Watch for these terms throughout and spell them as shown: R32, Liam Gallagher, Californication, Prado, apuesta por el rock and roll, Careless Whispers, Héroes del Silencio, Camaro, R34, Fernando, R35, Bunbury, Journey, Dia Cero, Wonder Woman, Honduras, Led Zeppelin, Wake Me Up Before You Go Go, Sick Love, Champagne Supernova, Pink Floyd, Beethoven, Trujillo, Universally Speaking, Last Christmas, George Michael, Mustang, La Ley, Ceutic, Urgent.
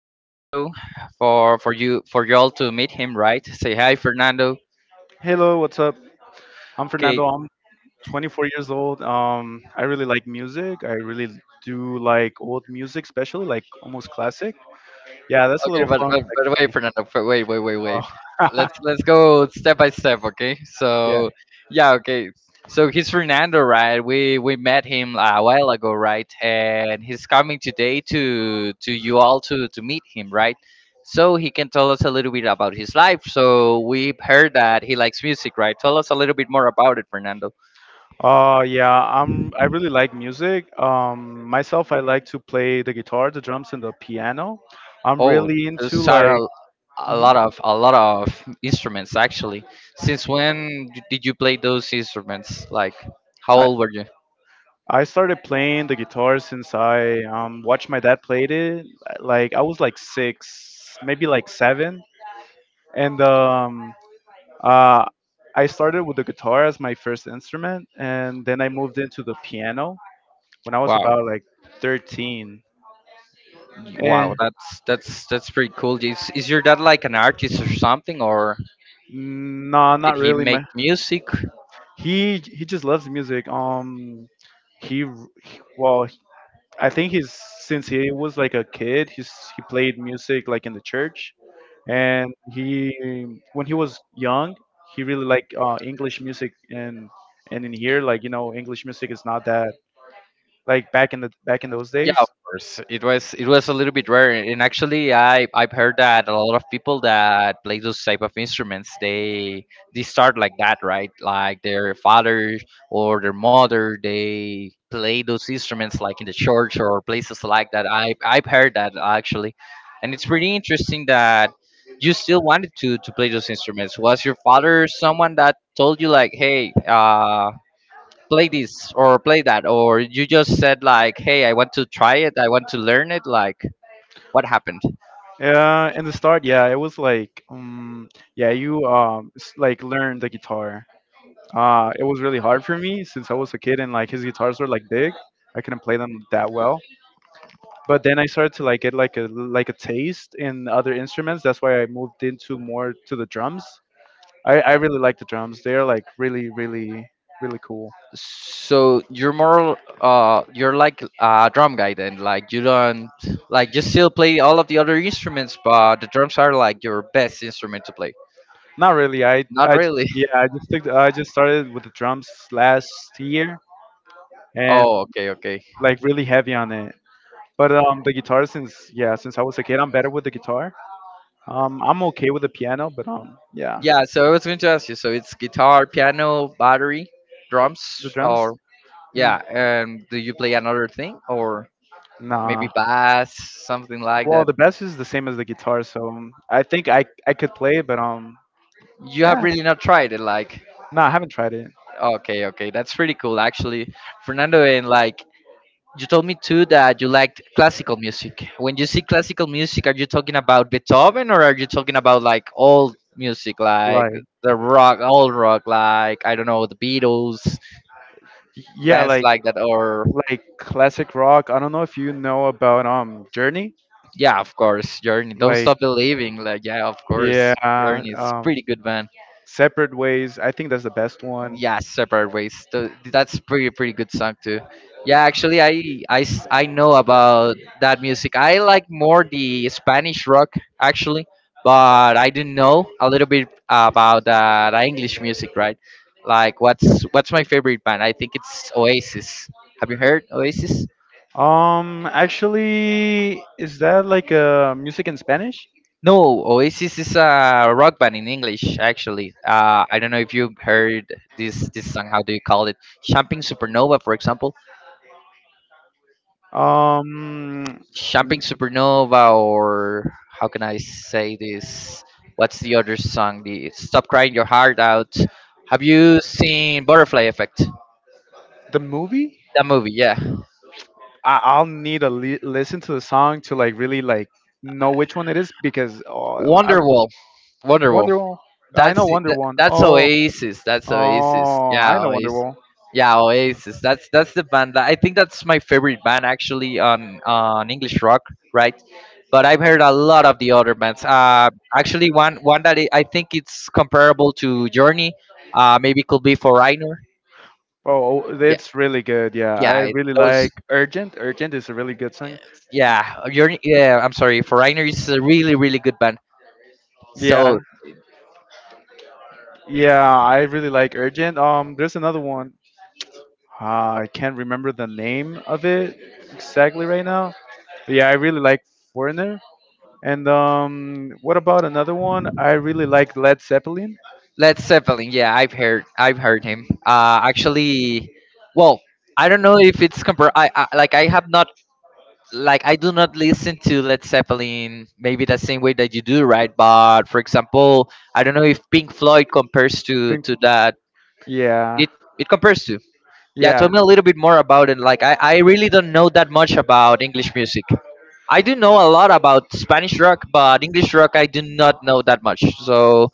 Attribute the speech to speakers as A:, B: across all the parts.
A: Fernando for you for y'all to meet him, right? Say hi, Fernando.
B: Hello, what's up? I'm
A: Okay.
B: Fernando. I'm 24 years old. I really like music. I really do like old music, especially like almost classic. Yeah, that's a
A: Okay,
B: little
A: but,
B: fun
A: but
B: fact
A: but
B: about
A: wait,
B: me.
A: Fernando. Wait, wait, wait, wait.
B: Oh,
A: Let's go step by step. Okay.
B: yeah.
A: So yeah. Okay. So he's Fernando, right? We met him a while ago, right? And he's coming today to you all to meet him, right? So he can tell us a little bit about his life. So we've heard that he likes music, right? Tell us a little bit more about it, Fernando.
B: Yeah. I really like music. Myself, I like to play the guitar, the drums, and the piano. I'm
A: Oh,
B: really into
A: those are
B: like. Mhm.
A: a lot of instruments, actually. Since when did you play those instruments? Like, how
B: I
A: old were you?
B: I started playing the guitar since I watched my dad played it. Like I was like six, maybe like seven and Uh, I started with the guitar as my first instrument, and then I moved into the piano when I was
A: Wow.
B: about like 13.
A: Wow,
B: And
A: that's that's pretty cool. Is your dad like an artist or something, or
B: no,
A: did
B: not
A: he
B: really. My
A: make music?
B: he just loves music. He r- he- well, I think he's since he was like a kid, he played music like in the church, and he when he was young, he really liked English music and in here, like, you know, English music is not that, like, back in those
A: Yeah,
B: days.
A: of course. It was a little bit rare, and actually, I've heard that a lot of people that play those type of instruments, they start like that, right? Like their father or their mother, they play those instruments like in the church or places like that. I've heard that, actually, and it's pretty interesting that you still wanted to play those instruments. Was your father someone that told you like, hey, play this or play that, or you just said like, hey, I want to try it, I want to learn it, like what happened?
B: In the start, yeah, it was like, yeah, like learn the guitar. It was really hard for me since I was a kid and like his guitars were like big. I couldn't play them that well. But then I started to like get like a taste in other instruments. That's why I moved into more to the drums. I really like the drums. They are like really, really, really cool.
A: So you're more, you're like a drum guy then? Like you don't, like you still play all of the other instruments, but the drums are like your best instrument to play?
B: Not really.
A: Not really.
B: Yeah. I just started with the drums last year and
A: Oh, okay, okay.
B: like really heavy on it. But the guitar since yeah, since I was a kid, I'm better with the guitar. I'm okay with the piano, but yeah,
A: Yeah, so I was going to ask you, so it's guitar, piano, battery, drums,
B: the drums,
A: or?
B: mm,
A: Yeah, and do you play another thing, or
B: nah.
A: maybe bass, something like
B: Well,
A: that?
B: the bass is the same as the guitar, so I think I could play it, but
A: You
B: yeah,
A: have really not tried it, like?
B: nah, I haven't tried it.
A: Okay, okay, that's pretty cool, actually, Fernando. And like, you told me too that you liked classical music. When you see classical music, are you talking about Beethoven, or are you talking about like old music, like
B: Like
A: the rock, old rock, like I don't know, the Beatles,
B: yeah,
A: bands
B: like
A: like that, or?
B: like classic rock. I don't know if you know about Journey.
A: Yeah, of course, Journey, Don't
B: Like
A: Stop Believing, like yeah, of course,
B: yeah,
A: Journey is pretty good band.
B: Separate Ways. I think that's the best one.
A: Yeah, separate ways. That's pretty pretty good song too. Yeah, actually, I know about that music. I like more the Spanish rock, actually, but I didn't know a little bit about the English music, right? Like, what's my favorite band? I think it's Oasis. Have you heard Oasis?
B: Actually, is that like music in Spanish?
A: No, Oasis is a rock band in English, actually. I don't know if you heard this song. How do you call it? Champagne Supernova, for example.
B: Um,
A: Champagne Supernova, or how can I say this? What's the other song? The Stop Crying Your Heart Out. Have you seen Butterfly Effect?
B: the movie.
A: That movie, yeah.
B: I'll need to listen to the song to like really like know which one it is because oh, I
A: Wonderwall, Wonderwall.
B: Wonder Woman. I
A: That's
B: know Wonder Woman.
A: that's
B: Oh,
A: Oasis. That's Oasis.
B: oh, I
A: Yeah,
B: know Wonder
A: Oasis.
B: Woman.
A: Yeah, Oasis. That's the band. I think that's my favorite band, actually, on English rock, right? But I've heard a lot of the other bands. Actually, one that I think it's comparable to Journey, maybe could be for Reiner.
B: Oh, oh,
A: Yeah,
B: it's really good. Yeah, I
A: yeah, it,
B: really
A: those.
B: like Urgent. Urgent is a really good song.
A: Yeah, Journey. Yeah, I'm sorry, for Reiner is a really really good band.
B: Yeah.
A: So
B: Yeah, I really like Urgent. There's another one. I can't remember the name of it exactly right now. But yeah, I really like Foreigner. And what about another one? I really like Led Zeppelin.
A: Led Zeppelin. Yeah, I've heard him. Actually, well, I don't know if it's compar. I like, I have not, like I do not listen to Led Zeppelin maybe the same way that you do, right? But for example, I don't know if Pink Floyd compares
B: Pink.
A: to that.
B: Yeah,
A: It it compares to. Yeah,
B: yeah.
A: tell me a little bit more about it. Like, I really don't know that much about English music. I do know a lot about Spanish rock, but English rock I do not know that much. So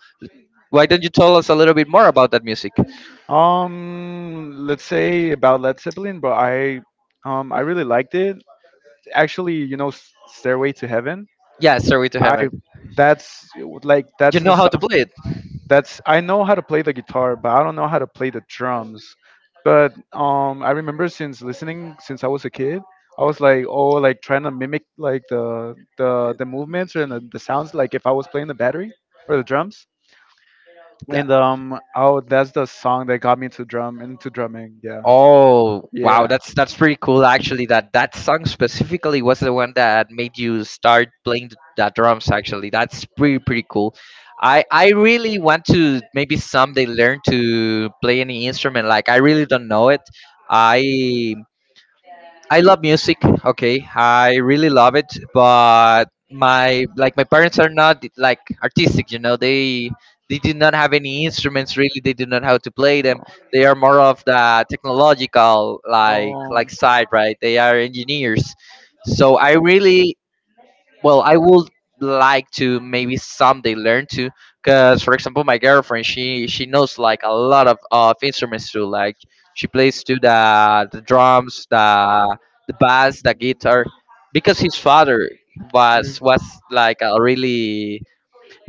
A: why don't you tell us a little bit more about that music?
B: Let's say about Led Zeppelin, but I really liked it. Actually, you know, Stairway to Heaven.
A: Yeah, Stairway to
B: I
A: Heaven.
B: that's like that's
A: You
B: the
A: know how to
B: song.
A: play it.
B: That's, I know how to play the guitar, but I don't know how to play the drums. But I remember since listening since I was a kid, I was like, oh, like trying to mimic like the movements and the sounds, like if I was playing the battery or the drums.
A: Yeah.
B: And oh, that's the song that got me into drumming. Yeah,
A: Oh, wow,
B: yeah.
A: that's pretty cool, actually, that that song specifically was the one that made you start playing the drums, actually. That's pretty pretty cool. I really want to maybe someday learn to play any instrument. Like I really don't know it. I I love music. Okay, I really love it, but my like my parents are not like artistic. You know, they did not have any instruments really. They did not know how to play them. They are more of the technological
B: Oh.
A: like
B: Mm.
A: side, right? They are engineers. So I really, well, I would like to maybe someday learn to, because for example, my girlfriend, she knows like a lot of instruments too. Like she plays too the drums, the bass, the guitar, because his father was like a really,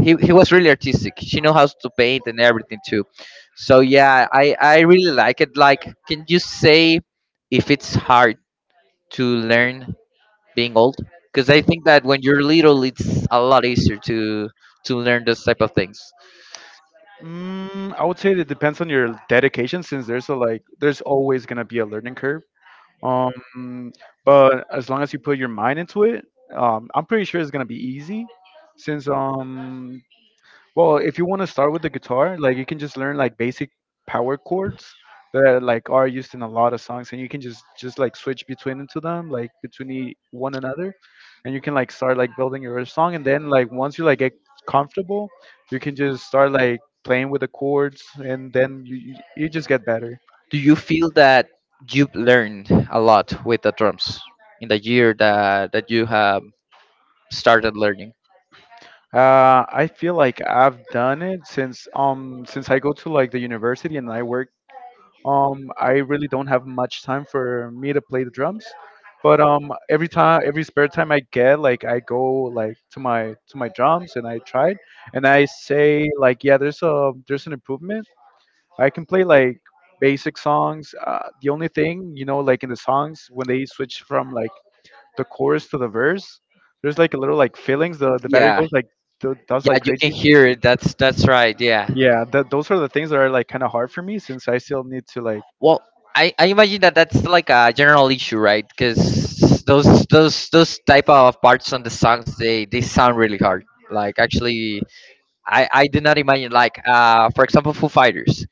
A: he was really artistic. She knows how to paint and everything too. So yeah, I really like it. Like, can you say if it's hard to learn being old? Because I think that when you're little it's a lot easier to learn those type of things.
B: I would say it depends on your dedication since there's a like there's always gonna be a learning curve. Um, but as long as you put your mind into it, I'm pretty sure it's gonna be easy since well, if you want to start with the guitar, like you can just learn like basic power chords that like are used in a lot of songs, and you can just like switch between into them, like between one another, and you can like start like building your song, and then like once you like get comfortable, you can just start like playing with the chords, and then you just get better.
A: Do you feel that you've learned a lot with the drums in the year that you have started learning?
B: I feel like I've done it since I go to like the university and I work. I really don't have much time for me to play the drums, but every time, every spare time I get, like I go like to my drums and I try it, and I say like, yeah, there's an improvement. I can play like basic songs. The only thing, you know, like in the songs when they switch from like the chorus to the verse, there's like a little like feelings. The battery
A: Yeah,
B: goes like does
A: yeah,
B: like
A: you can
B: crazy.
A: hear it, that's right, yeah.
B: Yeah, that, those are the things that are like kind of hard for me since I still need to like
A: Well, I imagine that that's like a general issue, right? Because those type of parts on the songs, they sound really hard, like actually, I did not imagine like, uh, for example, Foo Fighters.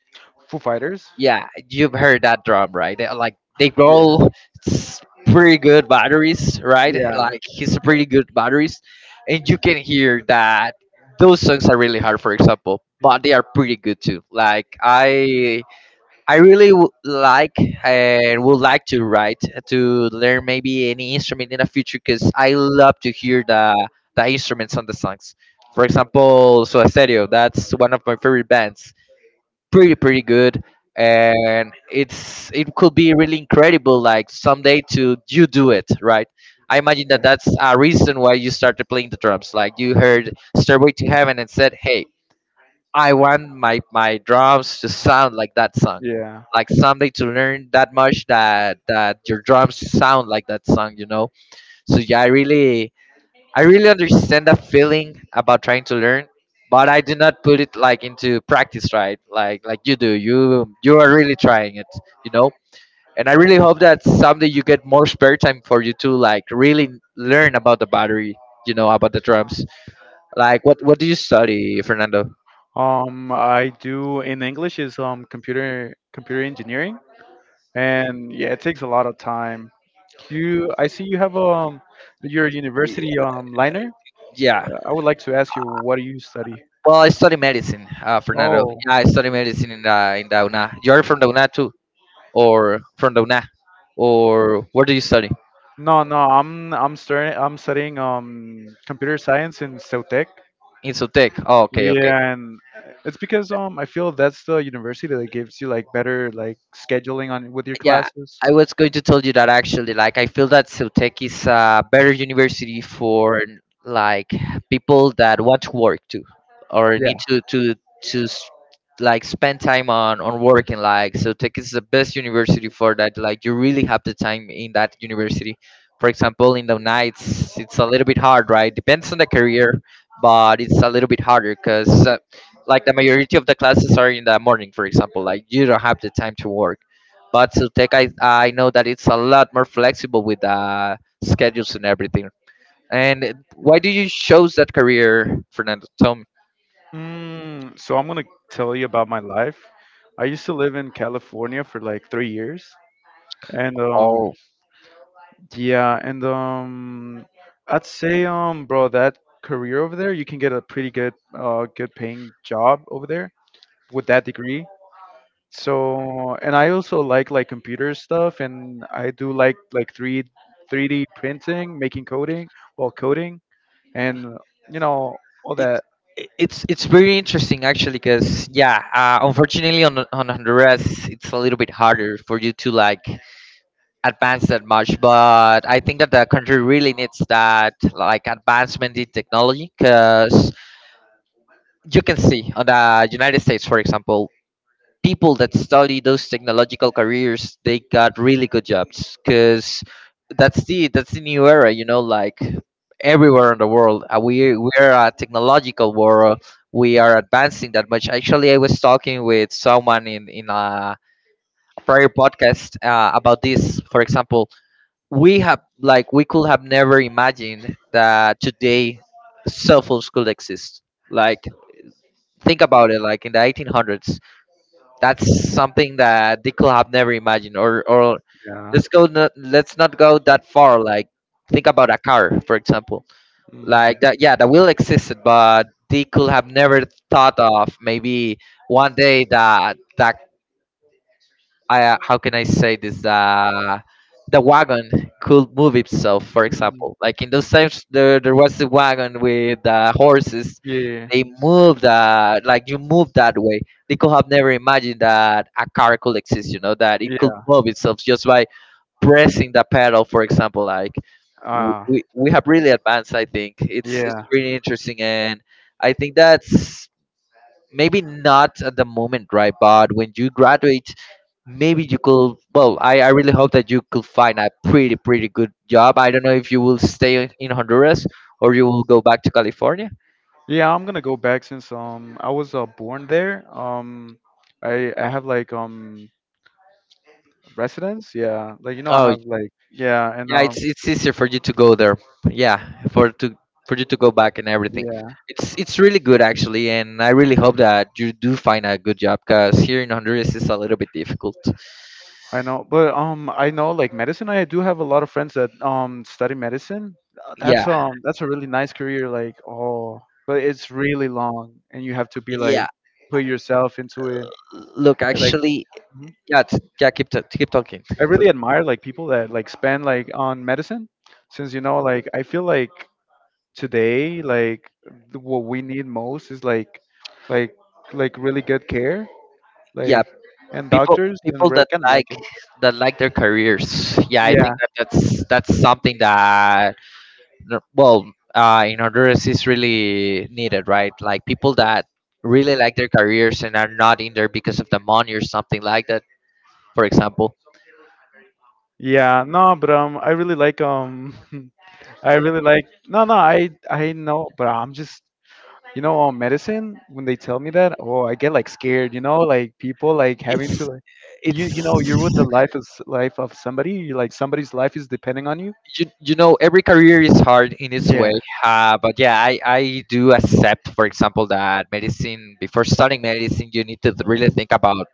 B: Foo Fighters.
A: Yeah, you've heard that drum, right? They, like they
B: Yeah.
A: roll pretty good batteries, right?
B: Yeah.
A: Like it's a pretty good batteries, and you can hear that those songs are really hard, for example, but they are pretty good too. Like I really like and would like to write to learn maybe any instrument in the future, because I love to hear the instruments on the songs. For example, Soda Stereo, that's one of my favorite bands, pretty pretty good. And it's, it could be really incredible like someday to you do it, right? I imagine that
B: Yeah.
A: that's a reason why you started playing the drums, like you heard Stairway to Heaven and said, hey, I want my drums to sound like that song,
B: Yeah.
A: like someday to learn that much that your drums sound like that song, you know. So yeah, I really understand the feeling about trying to learn, but I do not put it like into practice, right? Like you do. You are really trying it, you know. And I really hope that someday you get more spare time for you to like really learn about the battery, you know, about the drums. Like what do you study, Fernando?
B: I do in English is computer engineering, and yeah, it takes a lot of time. I see you have your
A: Y-
B: university liner.
A: Yeah.
B: I would like to ask you, what do you study?
A: Well, I study medicine, Fernando.
B: Oh,
A: Yeah, I study medicine in the UNA. You're from the UNA too, or from the UNA, or where do you study?
B: no, no, I'm studying computer science in Ceutic.
A: In Sotec. Oh, okay, okay.
B: Yeah, and it's because I feel that's the university that gives you like better like scheduling on with your
A: Yeah,
B: classes.
A: I was going to tell you that, actually. Like, I feel that Ceutek is a better university for, like, people that want to work too, or need to s- like spend time on working. Like Ceutek is the best university for that. Like you really have the time in that university. For example, in the nights it's a little bit hard, right, depends on the career, but it's a little bit harder because, like the majority of the classes are in the morning, for example, like you don't have the time to work. But Zutec, I know that it's a lot more flexible with, schedules and everything. And why do you choose that career, Fernando? Tell me.
B: So I'm gonna tell you about my life. I used to live in California for like 3 years, and
A: Oh,
B: yeah, and I'd say bro, that career over there, you can get a pretty good, good paying job over there with that degree. So, and I also like computer stuff, and I do like 3D printing, coding, and you know all
A: it,
B: that.
A: it- it's very interesting, actually, because yeah, unfortunately on Honduras it's a little bit harder for you to like advance that much. But I think that the country really needs that like advancement in technology, because you can see on the United States, for example, people that study those technological careers, they got really good jobs, because that's the new era, you know. Like everywhere in the world, we we're a technological world, we are advancing that much. Actually, I was talking with someone in a prior podcast, about this. For example, we have like, we could have never imagined that today cell phones could exist, like think about it, like in the 1800s, that's something that they could have never imagined. Or
B: Yeah.
A: let's go let's not go that far. Like think about a car, for example.
B: Mhm.
A: Like that, yeah, that will existed, but they could have never thought of maybe one day that I, how can I say this? The wagon could move itself. For
B: Mhm.
A: example, like in those times, there was a wagon with horses.
B: Yeah.
A: They moved like you move that way. They could have never imagined that a car could exist. You know that it could
B: Yeah.
A: move itself just by pressing the pedal. For example, like w-
B: Ah.
A: we we have really advanced. I think it's
B: Yeah.
A: pretty interesting, and I think that's maybe not at the moment, right? But when you graduate, maybe you could, well, I really hope that you could find a pretty pretty good job. I don't know if you will stay in Honduras or you will go back to California.
B: Yeah, I'm gonna go back since I was born there. I have like residence. Yeah, like you know I
A: Oh
B: have like, yeah, and
A: yeah, it's easier for you to go there, yeah, for to, for you to go back and everything.
B: yeah,
A: It's really good actually, and I really hope that you do find a good job because here in Honduras it's a little bit difficult.
B: I know, but I know like medicine. I do have a lot of friends that study medicine.
A: Yeah,
B: That's a really nice career. Like oh, but it's really long and you have to be
A: yeah,
B: like put yourself into it.
A: look
B: I like.
A: actually, yeah, yeah, keep talking.
B: I really admire like people that like spend like on medicine, since you know like I feel like today like what we need most is like like really good care
A: Yeah,
B: like and
A: people
B: doctors and
A: people
B: we're
A: that
B: kind of
A: like,
B: like it.
A: that like their careers, yeah, I think
B: Yeah,
A: that that's something that well, in Honduras is really needed, right? Like people that really like their careers and are not in there because of the money or something like that, for example.
B: yeah, no, but I really like I really like, no, no, I know, but I'm just. You know, on medicine, when they tell me that, oh, I get like scared. You know, like people like having to
A: it's
B: like, you know, you're with the
A: it's
B: life of somebody. You're like somebody's life is depending on you.
A: you know, every career is hard in its way.
B: Yeah,
A: But yeah, I do accept, for example, that medicine, before starting medicine, you need to really think about,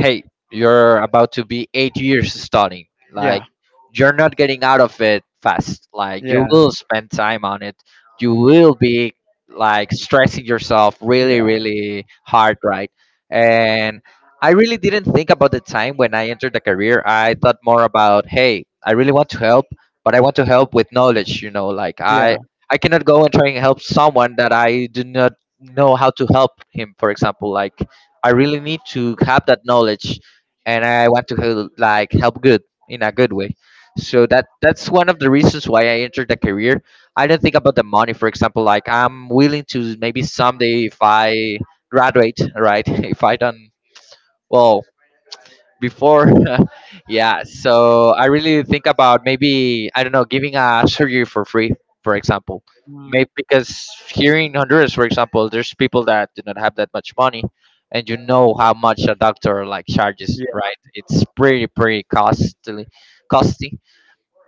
A: hey, you're about to be 8 years studying, like,
B: yeah,
A: you're not getting out of it fast, like you
B: yeah,
A: will spend time on it, you will be like stressing yourself
B: yeah,
A: really really hard, right? And I really didn't think about the time when I entered the career. I thought more about, hey, I really want to help, but I want to help with knowledge. You know, like
B: yeah,
A: I cannot go and try and help someone that I do not know how to help him. For example, like I really need to have that knowledge, and I want to like help good, in a good way. So that's one of the reasons why I entered the career. I do not think about the money. For example, like I'm willing to maybe someday, if I graduate, right? If I don't, well, before. Yeah, so I really think about maybe, I don't know, giving a surgery for free, for example.
B: mm,
A: Maybe because here in Honduras, for example, there's people that do not have that much money, and you know how much a doctor like charges,
B: yeah.
A: right? It's pretty pretty costly, costly,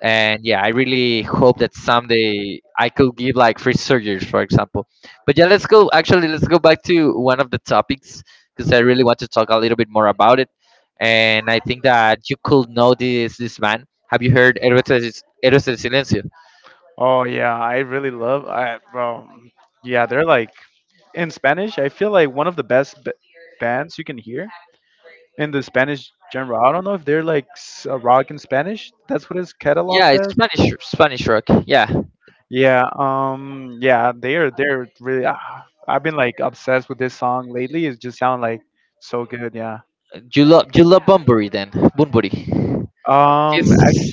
A: and yeah, I really hope that someday I could give like free surgeries, for example. But yeah, let's go actually, let's go back to one of the topics because I really want to talk a little bit more about it, and I think that you could know this man. Have you heard Héroes del, Héroes del Silencio?
B: Oh yeah, I really love, I, bro. Yeah, they're like in Spanish. I feel like one of the bands you can hear in the Spanish genre. I don't know if they're like rock in Spanish. That's what it's
A: Yeah,
B: cataloged
A: it's
B: as.
A: Spanish rock, yeah.
B: Yeah, yeah, they're really. I've been like obsessed with this song lately. It just sound like so good. Yeah.
A: You love Bunbury then, Bunbury.
B: Ac
A: He's-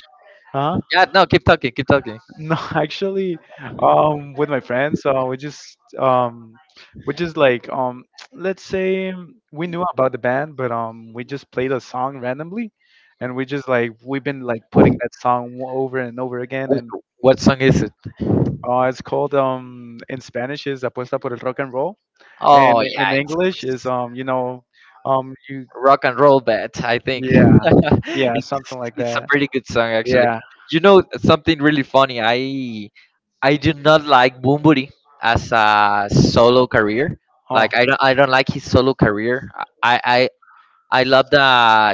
B: huh?
A: yeah, no, keep talking, keep talking.
B: No, actually, with my friends, we just like let's say we knew about the band, but we just played a song randomly, and we just like we've been like putting that song over and over again, and
A: What song is it?
B: It's called in Spanish is apuesta por el rock and roll, and
A: Oh yeah,
B: in English is you know, you
A: rock and roll bat I think.
B: yeah, yeah,
A: it's
B: something like
A: it's a
B: that,
A: pretty good song actually.
B: yeah.
A: You know something really funny, I do not like Bumburi as a solo career.
B: Oh,
A: Like I don't, I don't like his solo career. I I love the,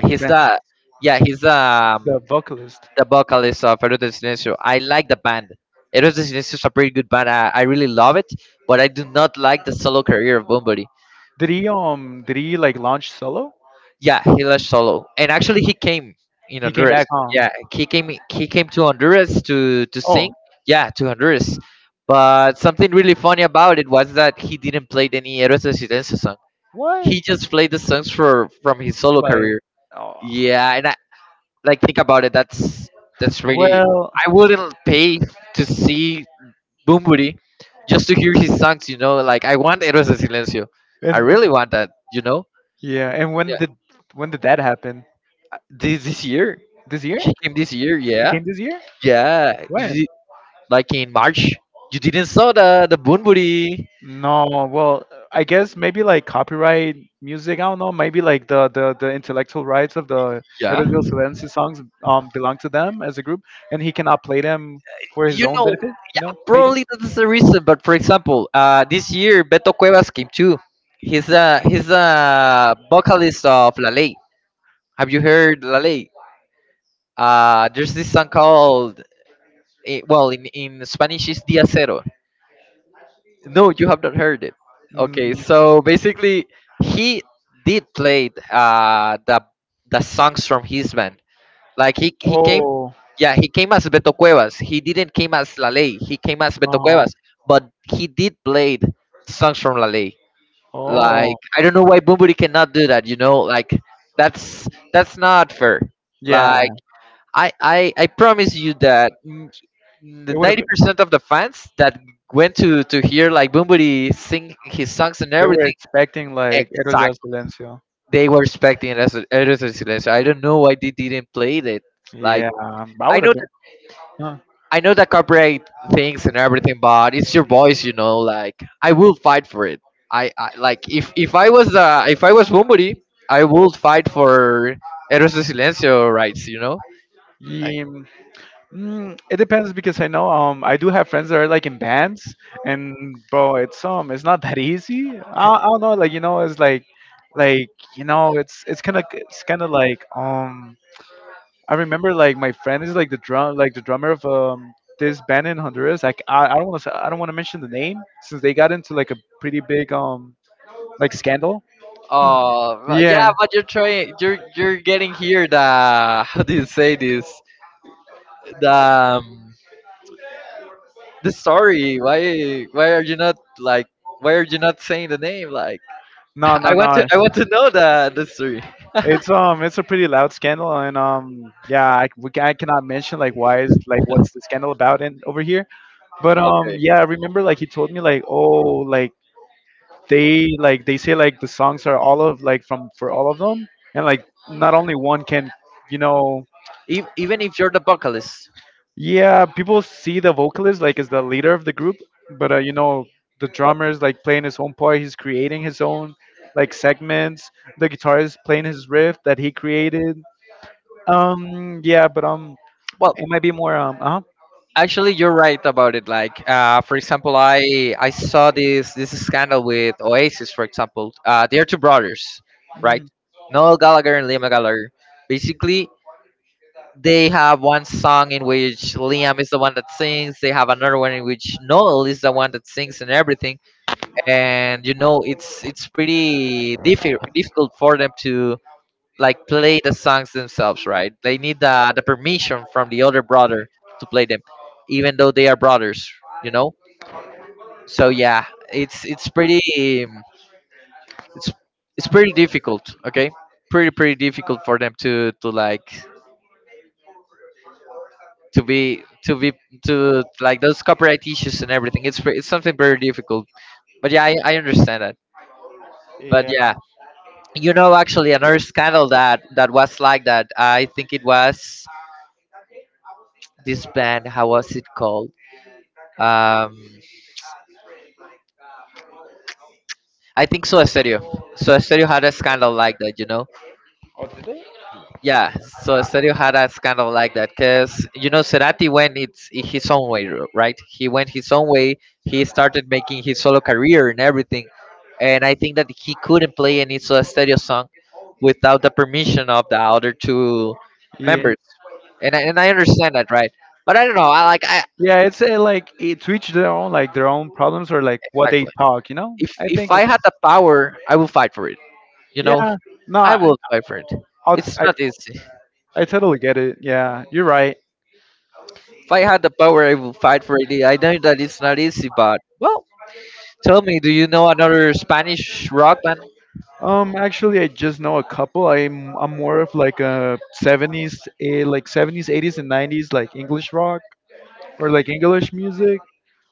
A: he's
B: the,
A: the, yeah he's
B: the vocalist.
A: the vocalist of Eros de Silencio. I like the band. Eros de Silencio is a pretty good band. I really love it, but I do not like the solo career of Bumburi.
B: Did he did he like launch solo?
A: Yeah, he left solo, and actually he came in
B: He came
A: Honduras.
B: back, huh?
A: Yeah, he came to Honduras to
B: Oh,
A: sing. Yeah, to Honduras. But something really funny about it was that he didn't play any Héroes de Silencio song.
B: what,
A: He just played the songs for from his solo
B: like,
A: career.
B: oh,
A: Yeah, and I like think about it. That's really.
B: well,
A: I wouldn't pay to see Bumburi just to hear his songs. You know, like I want Héroes de Silencio. I
B: and
A: really want that. You know.
B: yeah, and
A: Yeah.
B: when did that happen?
A: This year.
B: This year?
A: She came this year,
B: He
A: yeah,
B: came this year?
A: yeah. You
B: When?
A: did, like in March, you didn't saw the Bunbury.
B: No, well, I guess maybe like copyright music. I don't know. Maybe like the intellectual rights of the
A: Yeah,
B: Eros Violency songs belong to them as a group, and he cannot play them for his
A: you
B: own
A: know,
B: benefit. You know, maybe.
A: probably that's the reason. But for example, this year Beto Cuevas came too. He's a, he's a vocalist of La Ley. Have you heard La Ley? There's this song called eh, well, in Spanish is Dia Cero. No, you have not heard it. Okay,
B: Mm.
A: so basically he did play the songs from his band. Like he came,
B: Oh.
A: yeah, he came as Beto Cuevas. He didn't came as La Ley. He came as Beto
B: Uh-huh.
A: Cuevas, but he did played songs from La Ley. Like
B: Oh.
A: I don't know why Bumburi cannot do that. You know, like that's not fair.
B: Yeah.
A: Like I promise you that the
B: It would have
A: ninety
B: been.
A: percent of the fans that went to hear like Bumburi sing his songs and
B: They were
A: everything,
B: expecting like Eros del
A: exactly,
B: Silencio.
A: they were expecting it as a Eres del Silencio. I don't know why they didn't play it. Like
B: Yeah, I
A: I
B: would have
A: know,
B: been. Huh.
A: I know that corporate things and everything, but it's your voice, you know. Like I will fight for it. I like if I was somebody, I would fight for Eros de Silencio rights, you know.
B: Yeah, it depends because I know I do have friends that are like in bands and bro it's not that easy. I don't know like you know it's like you know it's kind of like I remember like my friend is like the drum like the drummer of this band in Honduras. Like I don't want to mention the name since they got into like a pretty big like scandal.
A: Oh but yeah,
B: Yeah.
A: but you're trying. You're getting here the how do you say this, the um, the story. Why are you not like, why are you not saying the name? Like
B: No,
A: I
B: no,
A: want to,
B: no.
A: I want to know the story.
B: It's a pretty loud scandal, and yeah, I cannot mention like why is like what's the scandal about in over here. But
A: Okay.
B: yeah, I remember like he told me like oh like they say like the songs are all of like from for all of them, and like not only one can you know
A: Even if you're the vocalist.
B: yeah, people see the vocalist like as the leader of the group, but the drummer is like playing his own part, he's creating his own like segments, the guitarist playing his riff that he created. Yeah, but
A: Well,
B: it might be more
A: actually, you're right about it. Like, for example, I saw this scandal with Oasis. For example, they are two brothers, right?
B: mm,
A: Noel Gallagher and Liam Gallagher. Basically, they have one song in which Liam is the one that sings. They have another one in which Noel is the one that sings and everything. And you know, it's pretty difficult for them to like play the songs themselves, right? They need the permission from the other brother to play them, even though they are brothers, you know. So yeah, it's pretty it's it's pretty difficult, okay? Pretty pretty difficult for them to like to be to be, to like those copyright issues and everything. It's it's something very difficult. But yeah, I understand that. But
B: yeah.
A: yeah, you know actually another scandal that that was like that. I think it was this band. How was it called? Um, I think so, Stereo. So Stereo had a scandal like that, you know.
B: Or did they?
A: Yeah, so
B: I-
A: Stereo had a scandal like that because you know Cerati went its his own way, right? He went his own way. He started making his solo career and everything, and I think that he couldn't play any Soa Stereo song without the permission of the other two
B: yeah,
A: members, and I understand that, right? But I don't know. I like I
B: yeah, it's like it's each their own like their own problems or like what they
A: actually,
B: talk, I
A: if
B: think
A: I
B: it's
A: had the power, I would fight for it. You know,
B: yeah. No,
A: I will fight for it. It's
B: I,
A: not easy.
B: I totally get it, yeah, you're right.
A: If I had the power, I would fight for it. I know that it's not easy, but well, tell me, do you know another Spanish rock band?
B: Actually, I just know a couple. I'm more of like a 70s like 70s 80s and 90s like English rock or like English music,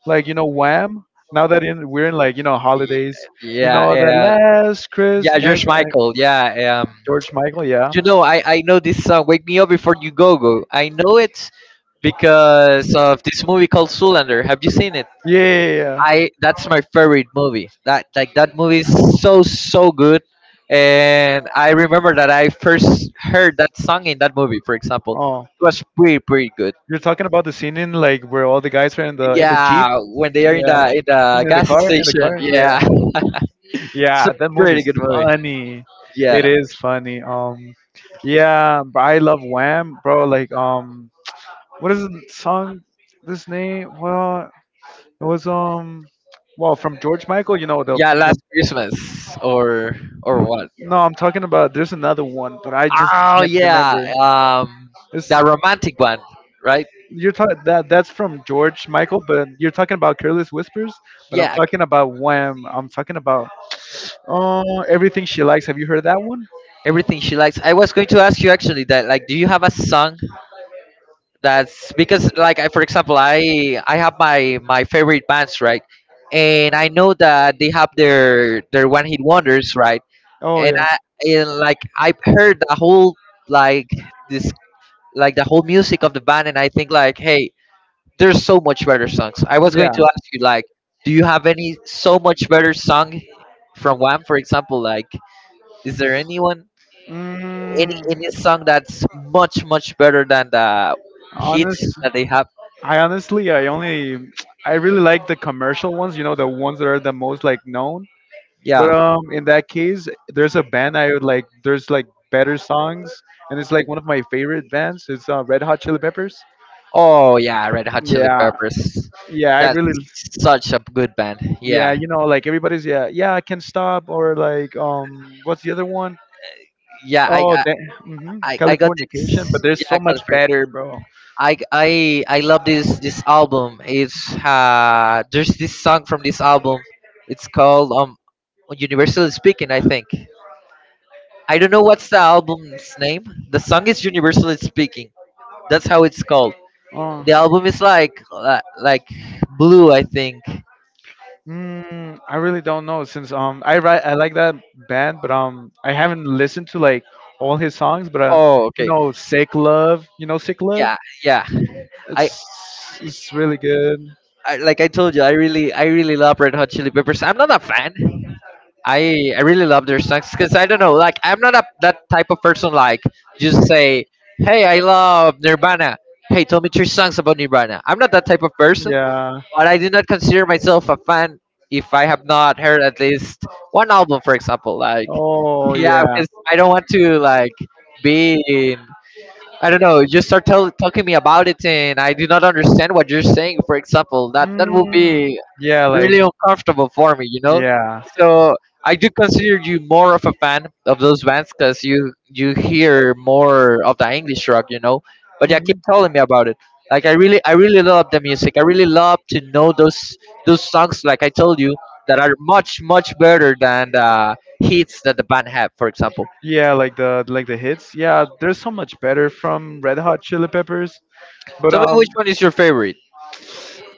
B: like you know Wham. Now we're in like you know
A: Y-
B: holidays, you
A: Yeah,
B: know that
A: uh,
B: last
A: yeah,
B: Christmas,
A: George Michael. Yeah,
B: George Michael, yeah,
A: you know, I know this song, "Wake Me Up Before You Go Go." I know it because of this movie called Zoolander. Have you seen it?
B: yeah, yeah, yeah, yeah.
A: I that's my favorite movie. That like that movie is so so good. And I remember that I first heard that song in that movie. For example,
B: Oh,
A: it was pretty pretty good.
B: you're talking about the scene in like where all the guys were in the jeep,
A: Yeah, when they are
B: yeah,
A: in the gas
B: in the
A: station.
B: car, yeah,
A: Yeah, it's a
B: yeah. That
A: pretty
B: movie's
A: good movie.
B: funny.
A: Yeah,
B: It is funny. Yeah, but I love Wham, bro. Like, what is the song? This name? Well, it was well, from George Michael, you know the
A: yeah,
B: the.
A: Last Christmas or
B: n-
A: what?
B: No, I'm talking about. There's another one, but I just
A: Oh
B: can't
A: yeah,
B: remember.
A: um, the
B: It's
A: romantic one, right?
B: you're talking that that's from George Michael, but you're talking about Careless Whispers. But I'm
A: Yeah,
B: talking about Wham. I'm talking about oh, everything she likes. Have you heard that one?
A: everything she likes. I was going to ask you actually that like, do you have a song that's because like I, for example, I have my my favorite bands, right? And I know that they have their one hit wonders, right?
B: Oh
A: And
B: yeah.
A: I, and like I have heard the whole, like this, like the whole music of the band, and I think like, hey, there's so much better songs. I was going
B: Yeah.
A: to ask you like, do you have any so much better song from Wham, for example, like, is there anyone,
B: Mm,
A: any song that's much much better than the hits
B: honest,
A: that they have?
B: I honestly, I really like the commercial ones. You know, the ones that are the most like known. But
A: Yeah.
B: in that case, there's a band I would like. There's like better songs, and it's like one of my favorite bands. It's Red Hot Chili Peppers.
A: Oh yeah, Red Hot Chili
B: Yeah,
A: Peppers.
B: yeah, I
A: That's
B: really,
A: such a good band.
B: yeah,
A: Yeah.
B: you know, like everybody's, yeah, yeah, I can stop, or like, what's the other one?
A: Yeah, I
B: Oh,
A: I,
B: that, hmm
A: I got
B: Californication,
A: this
B: but there's
A: yeah,
B: so much
A: confirm.
B: better, bro.
A: I love this album. It's there's this song from this album. It's called Universally Speaking, I think. I don't know what's the album's name. The song is Universally Speaking. That's how it's called.
B: Oh.
A: The album is like blue, I think.
B: I really don't know since I like that band, but I haven't listened to like all his songs, but
A: Oh, okay.
B: you know Sick Love,
A: Yeah, yeah. I
B: it's really good.
A: like I told you, I really love Red Hot Chili Peppers. I'm not a fan. I really love their songs because I don't know, like I'm not a that type of person. Like just say, hey, I love Nirvana. Hey, tell me three songs about Nirvana. I'm not that type of person,
B: Yeah.
A: but I do not consider myself a fan if I have not heard at least one album, for example. Like,
B: Oh
A: yeah,
B: yeah.
A: because I don't want to like be in. I don't know. You start talking me about it, and I do not understand what you're saying. For example, that will
B: Mm,
A: be
B: yeah, like
A: really uncomfortable for me, you know. So I do consider you more of a fan of those bands because you hear more of the English rock, you know. But yeah,
B: yeah.
A: keep telling me about it. Like I really love the music. I really love to know those songs. Like I told you that are much much better than the hits that the band have. For example,
B: Yeah, like the hits. Yeah, they're so much better from Red Hot Chili Peppers. But
A: tell me which one is your favorite.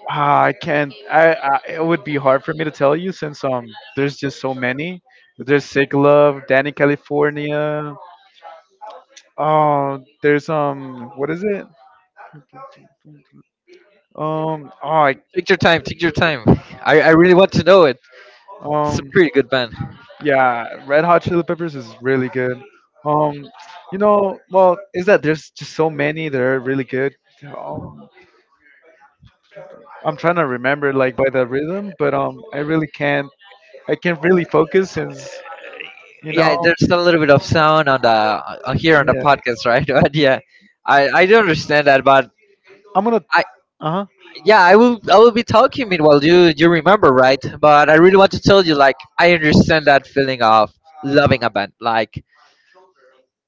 B: I can't. I it would be hard for me to tell you since there's just so many. There's Sick Love, Danny California. Oh, there's what is it? Um, oh, I,
A: Take your time. Take your time. I really want to know it. It's a
B: um,
A: pretty good band.
B: yeah, Red Hot Chili Peppers is really good. Um, you know, well, is that there's just so many that are really good. Um. I'm trying to remember like by the rhythm, but I really can't. I can't really focus since you
A: Yeah,
B: know.
A: there's a little bit of sound on the on here on the
B: Yeah,
A: podcast, right? But yeah, I do not understand that, but
B: I'm gonna.
A: I
B: Uh huh.
A: yeah, I will be talking meanwhile you remember, right? But I really want to tell you, like, I understand that feeling of loving a band. Like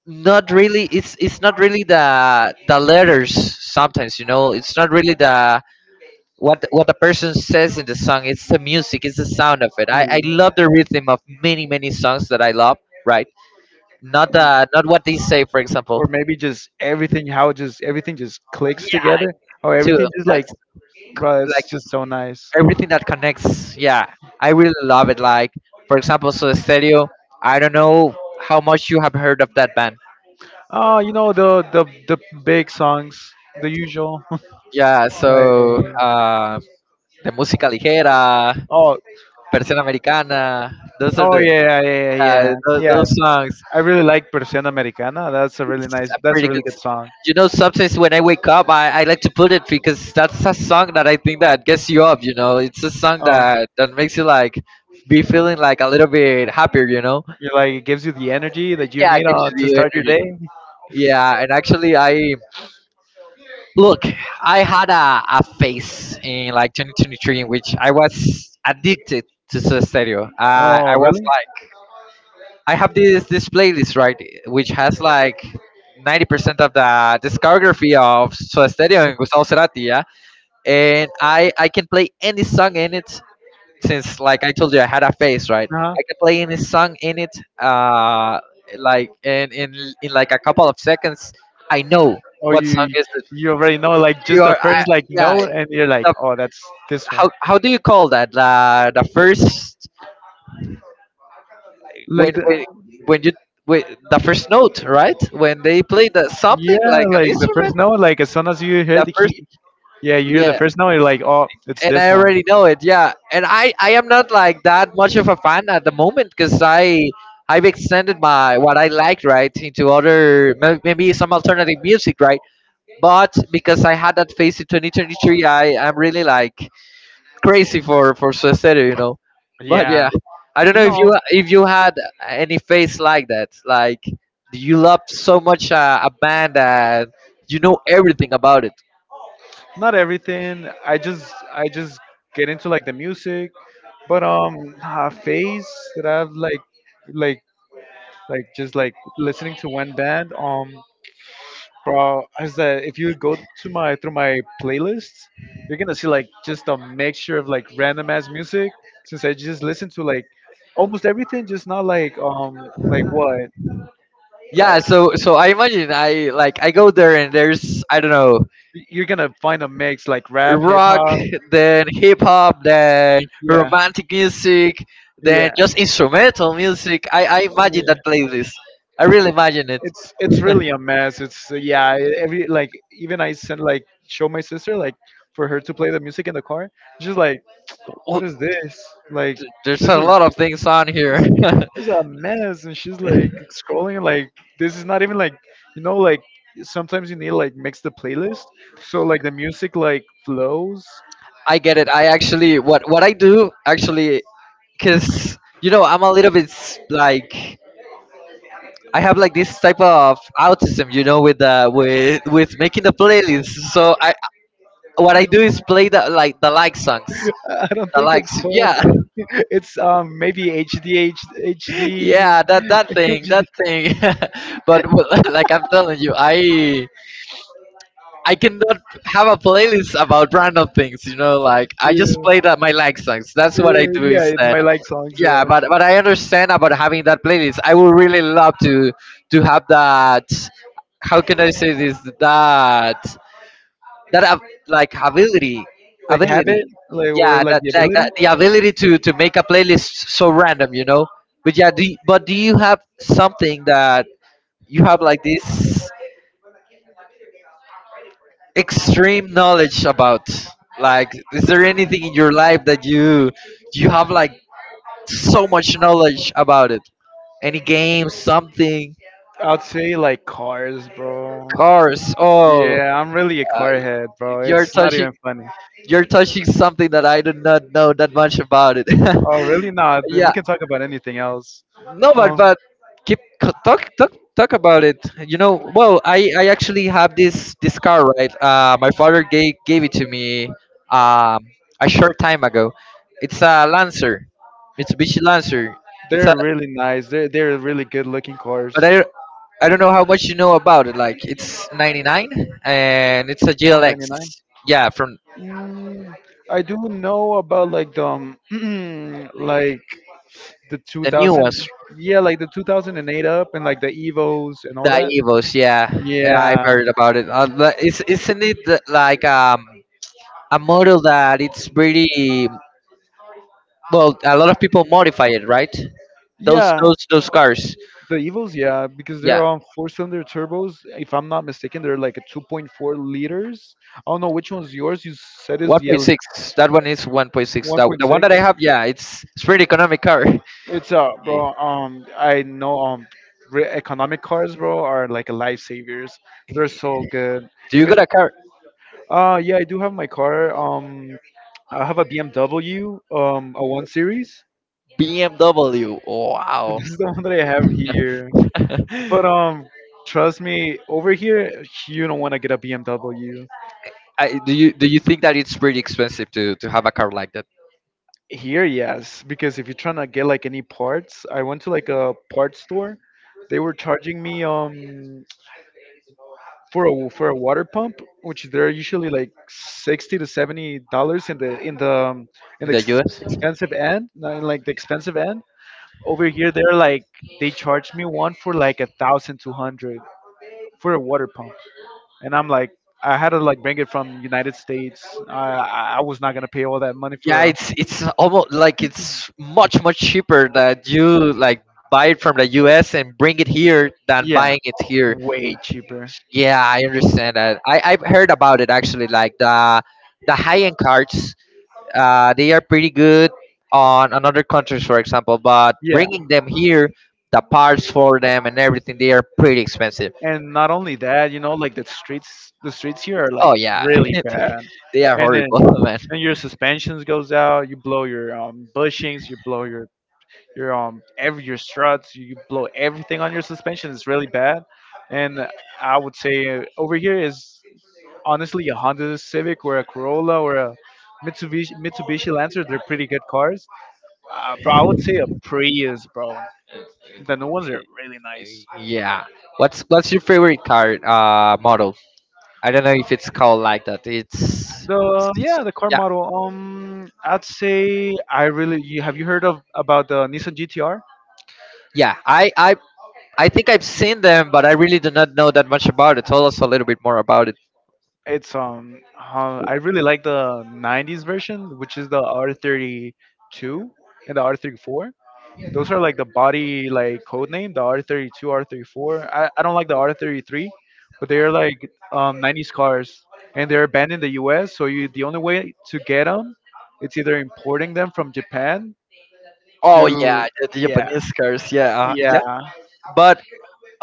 A: not really, it's not really the letters sometimes, you know. It's not really the what the person says in the song. It's the music, it's the sound of it. I love the rhythm of many many songs that I love, right? Not the, not what they say, for example.
B: Or maybe just everything. How just everything just clicks together, or
A: Yeah, too
B: everything just like,
A: that's c-
B: bro.
A: like
B: It's just so nice.
A: everything that connects, yeah. I really love it. Like, for example, so stereo, I don't know how much you have heard of that band.
B: Oh, you know the big songs, the usual.
A: Yeah,
B: Like
A: so the música ligera,
B: oh,
A: persiana americana, those are
B: oh
A: the,
B: yeah, yeah, yeah, yeah,
A: yeah,
B: yeah. Yeah.
A: those songs.
B: I really like Persiana Americana. That's a really
A: It's
B: nice.
A: a
B: That's a
A: pretty good,
B: really good song.
A: you know, sometimes when I wake up I like to put it because that's a song that I think that gets you up, you know. It's a song
B: Oh,
A: that makes you like be feeling like a little bit happier, you know.
B: you like it gives you the energy that you
A: Yeah, it
B: need
A: gives
B: to
A: you the
B: start your
A: energy.
B: day.
A: Yeah, and actually, I look, I had a phase in like 2023 in which I was addicted to Soda Stereo. I
B: Oh,
A: was
B: really?
A: like, I have this playlist, right, which has like 90% of the discography of Soda Stereo and Gustavo Cerati. Yeah, and I can play any song in it, since like I told you, I had a face, right?
B: Uh-huh.
A: I can play any song in it, like in in like a couple of seconds, I know
B: Or
A: what song
B: you
A: is it.
B: you already know like just
A: You
B: the
A: are,
B: first
A: I,
B: like
A: yeah.
B: note and you're like,
A: The,
B: oh, that's this one.
A: how do you call that? The first when
B: Like the
A: when when you when, the first note, right? When they play the something
B: yeah,
A: like an
B: like the
A: instrument,
B: first note, like as soon as you hear
A: the
B: the
A: first,
B: key. Yeah, you hear the
A: yeah,
B: first note, you're like, oh, it's
A: and
B: this
A: I
B: one.
A: already know it. Yeah, and I am not like that much of a fan at the moment because I've extended my what I liked, right, into other maybe some alternative music, right. But because I had that phase in 2023, I'm really like crazy for Suicide, you know. But
B: Yeah,
A: yeah, I don't
B: you
A: know if
B: know,
A: you had any phase like that. Like, do you love so much a band that you know everything about it?
B: not everything. I just get into like the music, but a phase that I've like, like, just like listening to one band. Bro, is that if you go to my through my playlists, you're gonna see like just a mixture of like random ass music. Since I just listen to like almost everything, just not like like what,
A: Yeah,
B: like.
A: so I imagine, I like I go there and there's I don't know,
B: You're gonna find a mix like rap, hip
A: rock,
B: hop.
A: then hip hop, then
B: Yeah,
A: romantic music, then
B: yeah,
A: just instrumental music. I imagine
B: yeah.
A: that playlist, I really imagine it.
B: It's really a mess. It's yeah. Every like even I sent like show my sister like for her to play the music in the car. She's like,
A: Well,
B: what is this? Like
A: there's
B: this
A: a
B: is.
A: lot of things on here.
B: It's, it's a mess and she's like scrolling like this is not even like you know like sometimes you need like mix the playlist so like the music like flows.
A: I get it. I actually, what I do actually, because you know, I'm a little bit like I have like this type of autism, you know, with the with making the playlist. So I, what I do is play the like songs,
B: I don't
A: the
B: think it's
A: likes.
B: called.
A: Yeah,
B: It's maybe HD HD HD. H D,
A: yeah, that thing, that thing. But well, like I'm telling you, I cannot have a playlist about random things, you know. Like I
B: yeah,
A: just play that my like songs. That's what I
B: yeah,
A: do
B: yeah. It,
A: instead.
B: my like songs.
A: Yeah,
B: Yeah.
A: but I understand about having that playlist. I would really love to have that, how can I say this? That that ab- like
B: Like habit,
A: ability,
B: like or
A: yeah,
B: like
A: that
B: the
A: like
B: ability.
A: that, the ability to make a playlist so random, you know. But yeah, do you, but do you have something that you have like this extreme knowledge about? Like, is there anything in your life that you have like so much knowledge about it, any game, something?
B: I'd say like cars, bro.
A: Cars, oh.
B: Yeah, I'm really a
A: Uh,
B: car head, bro.
A: you're
B: It's not
A: touching
B: even funny.
A: you're touching something that I do not know that much about it.
B: Oh, really? No, we
A: Yeah.
B: can talk about anything else.
A: No,
B: Um,
A: but keep talk talk talk about it. You know, well, I actually have this this car, right? My father gave it to me um a short time ago. It's a Lancer, Mitsubishi Lancer. It's a
B: they're really nice. They're really good looking cars.
A: but I don't know how much you know about it. Like it's 99 and it's a
B: Oh,
A: GLX.
B: 99.
A: Yeah, from
B: Mm, I do know about like the like the
A: the new
B: 2000.
A: ones,
B: Yeah, like the 2008 up and like the Evos and all that.
A: the Evos. Yeah, yeah, I've
B: Yeah.
A: heard about it. Isn't it like a model that it's pretty? Well, a lot of people modify it, right? Those
B: Yeah.
A: those cars.
B: The Evos, yeah, because they're
A: Yeah.
B: on four-cylinder turbos. If I'm not mistaken, they're like a 2.4 liters. I don't know which one's yours. You said is the
A: 1.6. That one is 1.6. That the one
B: 1.6.
A: that I have, yeah, it's pretty economic car.
B: It's
A: Yeah.
B: bro. I know. Economic cars, bro, are like lifesavers. They're so good.
A: Do you
B: Even
A: got a car?
B: yeah, I do have my car. I have a BMW. A one series.
A: BMW. Wow.
B: This is the one that I have here. But trust me, over here, you don't want to get a BMW.
A: I, do you think that it's pretty expensive to have a car like that
B: Here, yes, because if you're trying to get like any parts, I went to like a parts store. They were charging me for a water pump, which they're usually like $60 to $70 in the in the in
A: in
B: the
A: the US?
B: expensive end, not in like the expensive end. Over here, they're like they charged me one for like a thousand two hundred for a water pump, and I'm like I had to like bring it from United States. I was not gonna pay all that money for
A: Yeah,
B: a
A: it's almost like it's much much cheaper that you like buy it from the US and bring it here than
B: yeah,
A: buying it here.
B: way cheaper.
A: Yeah, I understand that. I, I've heard about it actually. Like the high end cards, they are pretty good on other countries, for example. But yeah,
B: Yeah,
A: bringing them here, the parts for them and everything, they are pretty expensive.
B: and not only that, you know, like the streets here are like
A: Oh yeah,
B: really bad,
A: they are
B: and then
A: horrible, man.
B: and your suspensions goes out, you blow your bushings, you blow your every your struts, you blow everything on your suspension. It's really bad, and I would say over here is honestly a Honda Civic or a Corolla or a Mitsubishi Lancer. They're pretty good cars. Bro, I would say a Prius, bro. The new ones are really nice.
A: Yeah. What's your favorite card model? I don't know if it's called like that. It's
B: The yeah, the car
A: yeah
B: model. I'd say I really. You have you heard of about the Nissan GTR?
A: yeah. I I think I've seen them, but I really do not know that much about it. Tell us a little bit more about it.
B: It's I really like the 90s version, which is the R32 and the R34. Those are like the body like code name, the R32, R34. I don't like the R33, but they're like 90s cars, and they're banned in the U.S. So you the only way to get them, it's either importing them from Japan
A: Oh yeah,
B: to
A: the
B: yeah,
A: Japanese cars. Yeah,
B: yeah.
A: yeah. But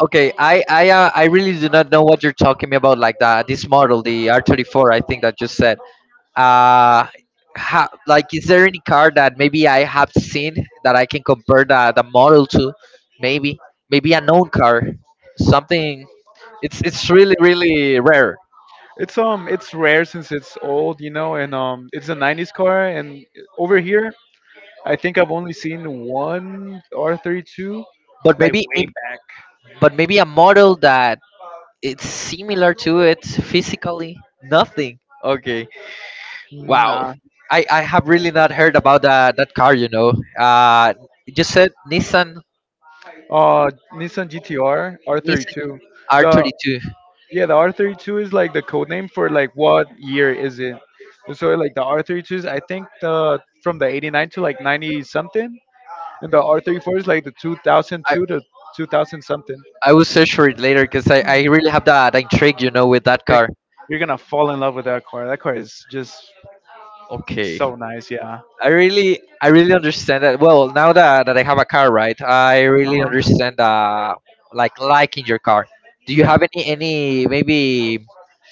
A: okay, I really do not know what you're talking about. Like that, this
B: Sorry.
A: model, the R 34. I think that you said. Uh ha, like, is there any car that maybe I have seen that I can compare the model to? Maybe maybe a known car, something. It's really really rare.
B: It's it's rare since it's old, you know, and it's a 90s car, and over here I think I've only seen one R32
A: But
B: like way back.
A: but maybe a model that it's similar to it physically. Nothing. Okay. Wow,
B: Nah.
A: I have really not heard about that that car. You know, uh, you just said
B: Uh, Nissan GTR
A: Nissan
B: R32.
A: R
B: The
A: 32.
B: yeah, the R32 is like the code name for like what year is it. So like the R32 is I think the from the 89 to like 90 something. And the R34 is like the
A: I
B: 2002 to 2000 something.
A: I will search for it later because I really have that intrigue. You know, with that
B: You're
A: car.
B: you're gonna fall in love with that car. That car is just so
A: Okay,
B: nice. Yeah.
A: I really understand that. Well, now that that I have a car, right? I
B: Uh
A: really
B: huh.
A: understand like liking your car. Do you
B: Yeah.
A: have any maybe,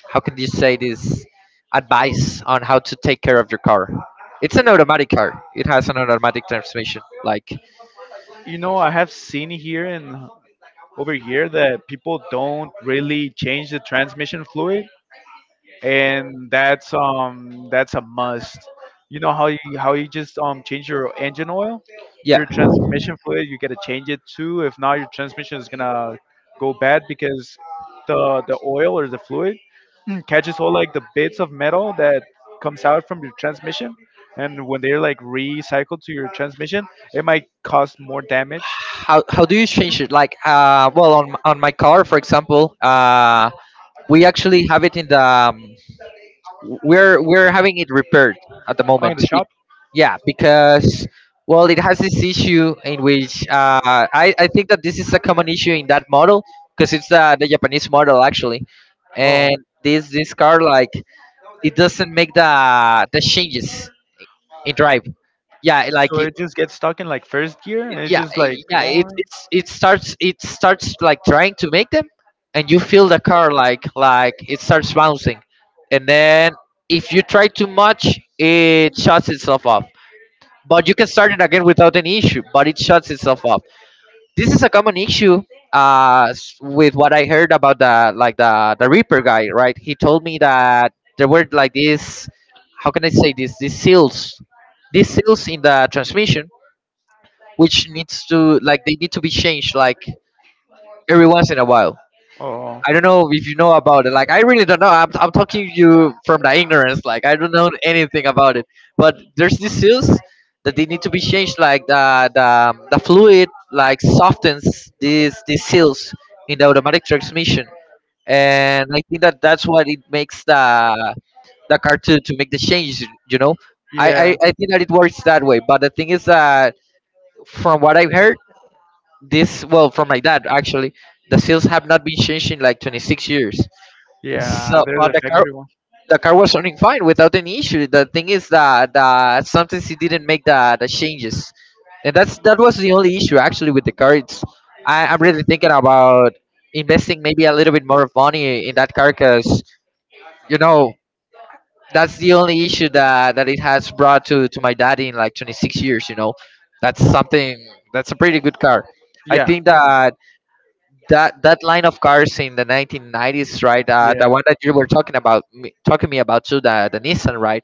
A: how can you say this, advice on how to take care of your car? It's an automatic car, it has an automatic transmission, like,
B: You know, I have seen here and over here that people don't really change the transmission fluid, and that's a must. You know how you just change your engine oil,
A: yeah.
B: your transmission fluid. You gotta change it too. If not, your transmission is gonna go bad because the oil or the fluid catches all like the bits of metal that comes out from your transmission, and when they're like recycled to your transmission, it might cause more damage.
A: How do you change it? Like well on, on my car for example we actually have it in the we're having it repaired at the
B: Oh, in
A: moment.
B: the shop.
A: Yeah, because well, it has this issue in which I think that this is a common issue in that model because it's the Japanese model actually.
B: Oh.
A: And this car like it doesn't make the changes in drive, yeah like
B: So
A: it,
B: it just gets stuck in like first gear and it's
A: yeah
B: just like
A: yeah
B: wrong.
A: it starts like trying to make them, and you feel the car like it starts bouncing, and then if you try too much it shuts itself off. But you can start it again without any issue but it shuts itself off. This is a common issue. Uh, with what I heard about the like the Reaper guy, right? He told me that there were like these, how can I say this? These seals in the transmission, which needs to like they need to be changed like every once in a while.
B: Oh.
A: I don't know if you know about it. Like, I really don't know. I'm talking you from the ignorance. Like, I don't know anything about it. But there's these seals that they need to be changed. Like the fluid like softens these seals in the automatic transmission, and I think that that's what it makes the the car to make the change. You know, I, I
B: Yeah.
A: I think that it works that way. But the thing is that from what I've heard, this well from my dad actually, the seals have not been changed in like 26 years
B: Yeah,
A: so,
B: there's
A: but
B: a
A: the car
B: factory one.
A: the car was running fine without any issue. The thing is that sometimes he didn't make the changes, and that was the only issue actually with the car. I'm really thinking about investing maybe a little bit more of money in that car because you know that's the only issue that it has brought to my daddy in like 26 years. You know, that's something that's a pretty good car. I
B: Yeah.
A: think that that line of cars in the 1990s, right? Uh,
B: Yeah.
A: the one that you were talking about, talking me about too, the Nissan, right?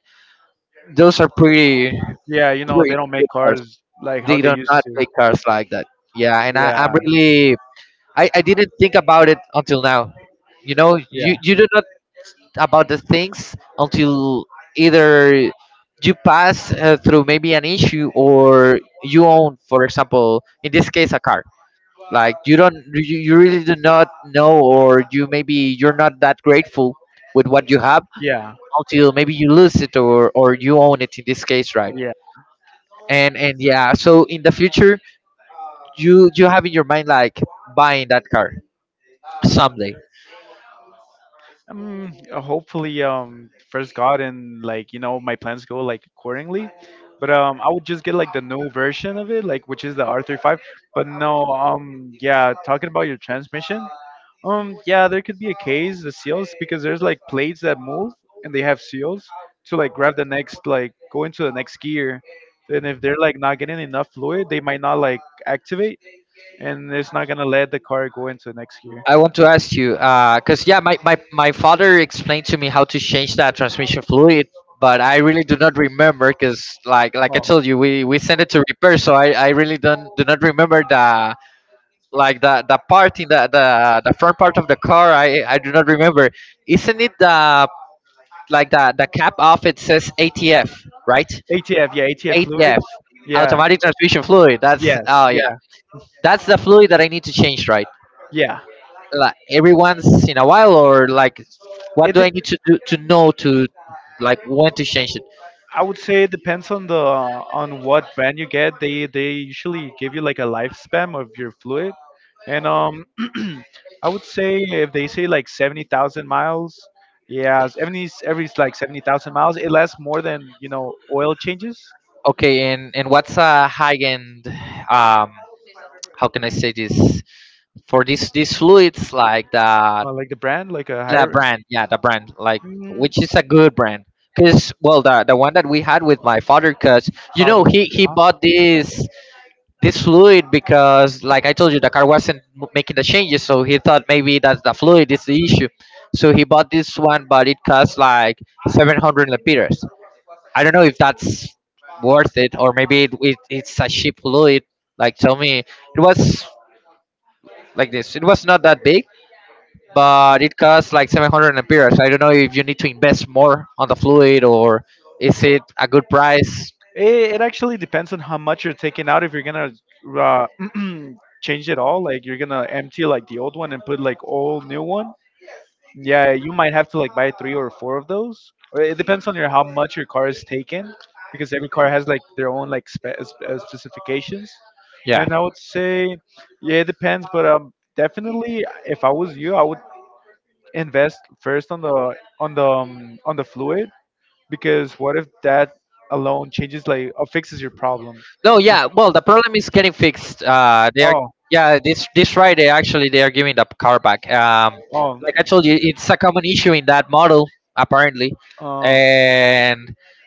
A: Those are pretty
B: Yeah, you know, they
A: pretty
B: don't
A: good
B: make
A: cars.
B: cars like how
A: They
B: they
A: do
B: used
A: not
B: to.
A: make cars like that. Yeah, and I,
B: Yeah.
A: I'm really I didn't think about it until now. You know, you
B: Yeah.
A: you do not about the things until either you pass through maybe an issue or you own, for example, in this case, a car like you don't, you really do not know, or you maybe you're not that grateful with what you have
B: Yeah.
A: until maybe you lose it or you own it in this case, right?
B: Yeah.
A: And yeah, so in the future, you have in your mind like buying that car someday.
B: Hopefully, first God and like you know my plans go like accordingly. But I would just get like the new version of it, like which is the R35. But no, yeah, talking about your transmission, yeah, there could be a case the seals because there's like plates that move and they have seals to like grab the next like go into the next gear, and if they're like not getting enough fluid, they might not like activate, and it's not gonna let the car go into the next gear.
A: I want to ask you, because yeah, my father explained to me how to change that transmission fluid, but I really do not remember because like I
B: Oh,
A: told you, we sent it to repair, so I really don't do not remember the like the part in the front part of the car I do not remember. Isn't it the like the cap off it says ATF, right?
B: ATF, yeah, ATF fluid,
A: ATF,
B: yeah.
A: automatic transmission fluid. That's
B: Yes,
A: oh yeah,
B: yeah,
A: that's the fluid that I need to change, right?
B: yeah.
A: Like every once in a while or like what
B: It
A: do
B: de-
A: I need to do to know to like when to change it?
B: I would say it depends on the on what brand you get. They usually give you like a lifespan of your fluid, and I would say if they say like 70,000 miles, yeah, seventy every like 70,000 miles, it lasts more than you know oil changes.
A: Okay, and what's a high end, um, how can I say this, for these fluids like the
B: Like the brand, like a
A: the
B: higher,
A: brand, yeah, the brand, like,
B: mm,
A: which is a good brand? Because well, the one that we had with my father, because you know
B: probably.
A: he
B: Huh?
A: bought this this fluid because like I told you, the car wasn't making the changes, so he thought maybe that's the fluid is the issue, so he bought this one, but it cost like 700 lempiras. I don't know if that's worth it, or maybe it's a cheap fluid. Like, tell me, it was like this, it was not that big,
B: Uh,
A: but it costs like 700 amperes. I don't know if you need to invest more on the fluid or is it a good price?
B: it actually depends on how much you're taking out. If you're gonna uh, change it all, like you're gonna empty like the old one and put like all new one. Yeah, you might have to like buy three or four of those. Or it depends on your how much your car is taken, because every car has like their own like specifications.
A: Yeah.
B: And I would say, yeah, it depends. But definitely, if I was you, I would invest first on the fluid because what if that alone changes like or fixes your problem?
A: No, yeah. Well, the problem is getting fixed. They are,
B: Oh,
A: yeah. This Friday, actually, they are giving the car back.
B: oh,
A: Like I told you, it's a common issue in that model apparently,
B: uh,
A: and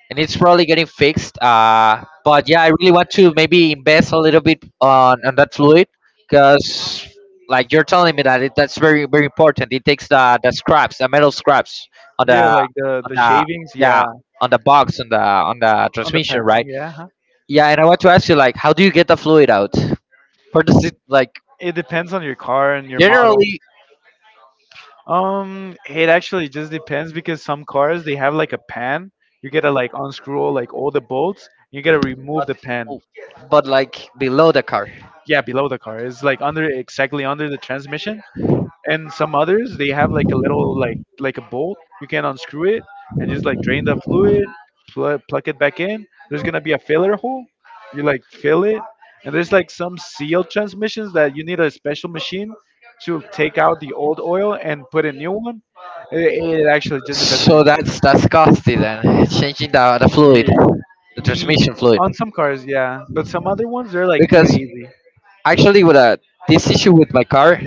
A: and it's probably getting fixed. But yeah, I really want to maybe invest a little bit on that fluid because like you're telling me that that's very important. It takes the scraps, the metal scraps on the
B: yeah, like the
A: on
B: the
A: the
B: shavings,
A: yeah
B: yeah.
A: on the box on the
B: On the
A: transmission,
B: pan,
A: right?
B: yeah. Huh?
A: Yeah, and I want to ask you, like, how do you get the fluid out? Where does it, like,
B: It depends on your car and your model.
A: generally,
B: It actually just depends because some cars they have like a pan. You gotta like unscrew like all the bolts. You gotta remove
A: but,
B: the pan.
A: but like below the car?
B: Yeah, below the car. It's like under exactly under the transmission. And some others they have like a little like a bolt. You can unscrew it and just like drain the fluid, plug it back in. There's gonna be a filler hole. You like fill it. And there's like some sealed transmissions that you need a special machine to take out the old oil and put a new one. It actually just depends on
A: So
B: your car.
A: that's costly then, changing the fluid,
B: Yeah.
A: the
B: Ye-
A: transmission fluid.
B: on some cars, yeah, but some other ones they're like pretty
A: Because
B: easy.
A: actually, this issue with my car,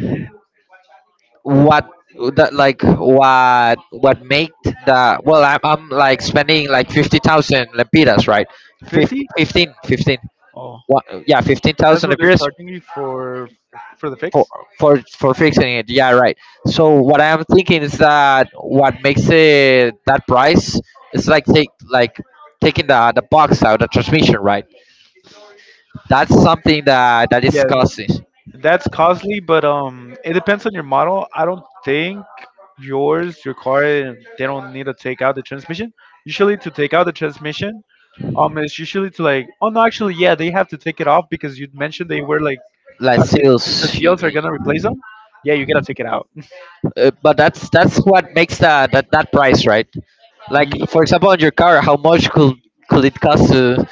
A: what that like what made the well, I'm
B: Like,
A: like spending like 50,000 lempiras, right? 50,
B: 50
A: 15, 15.
B: Oh,
A: What, yeah, fifteen
B: that's
A: thousand
B: what they're
A: lempiras
B: charging you for the
A: for
B: fix.
A: for fixing it, yeah, right. So what I'm thinking is that what makes it that price is like take like taking the box out the transmission, right? That's something that that is
B: Yeah,
A: costing
B: that's costly, but it depends on your model. I don't think your car, they don't need to take out the transmission. Usually, to take out the transmission, it's usually to like, oh no, actually, yeah, they have to take it off because you mentioned they were like,
A: like
B: are they, the
A: sales.
B: seals are gonna replace them. Yeah, you gotta take it out.
A: But that's what makes that price, right? Like,
B: Ye-
A: for example, on your car, how much could it cost to,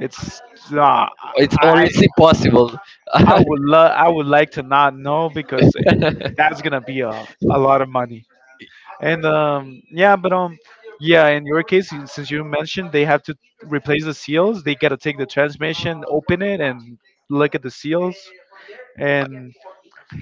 B: it's nah,
A: it's, or
B: I I
A: it's impossible?
B: I would love I would like to not know because that's gonna be a lot of money. And yeah, but yeah, in your case, since you mentioned they have to replace the seals, they gotta take the transmission, open it, and look at the seals. And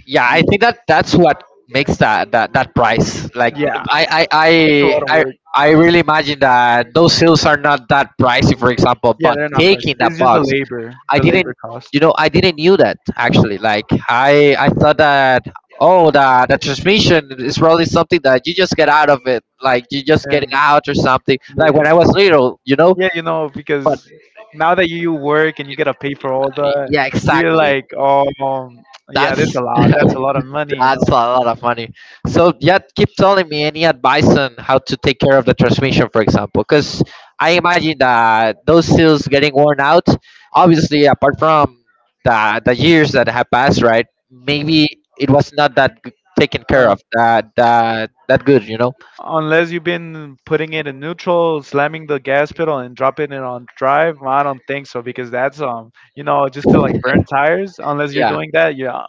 A: Yeah,
B: y-
A: I think that that's what makes that price. Like,
B: yeah,
A: I, I
B: it's a
A: i
B: lot of
A: i
B: work.
A: I really imagine that those seals are not that pricey for example,
B: Yeah,
A: but
B: they're not priced.
A: taking that
B: It's just
A: box, I
B: the labor
A: didn't,
B: cost.
A: you know, I didn't knew that actually. Like, I thought that, oh, the transmission is probably something that you just get out of it, like you just get it
B: And
A: out or something, like
B: yeah,
A: when I was little, you know.
B: yeah, you know,
A: But
B: because now that you work and you gotta pay for all the,
A: yeah,
B: you're
A: exactly,
B: like, oh, yeah, that's
A: that's
B: a lot. That's a lot of money.
A: that's a lot of money. So yeah, keep telling me any advice on how to take care of the transmission, for example, because I imagine that those seals getting worn out. Obviously, apart from the years that have passed, right? Maybe it was not that taken care
B: Uh,
A: of, that good, you know?
B: Unless you've been putting it in neutral, slamming the gas pedal and dropping it on drive, I don't think so because that's just to like burn tires. Unless you're
A: Yeah.
B: doing that, yeah.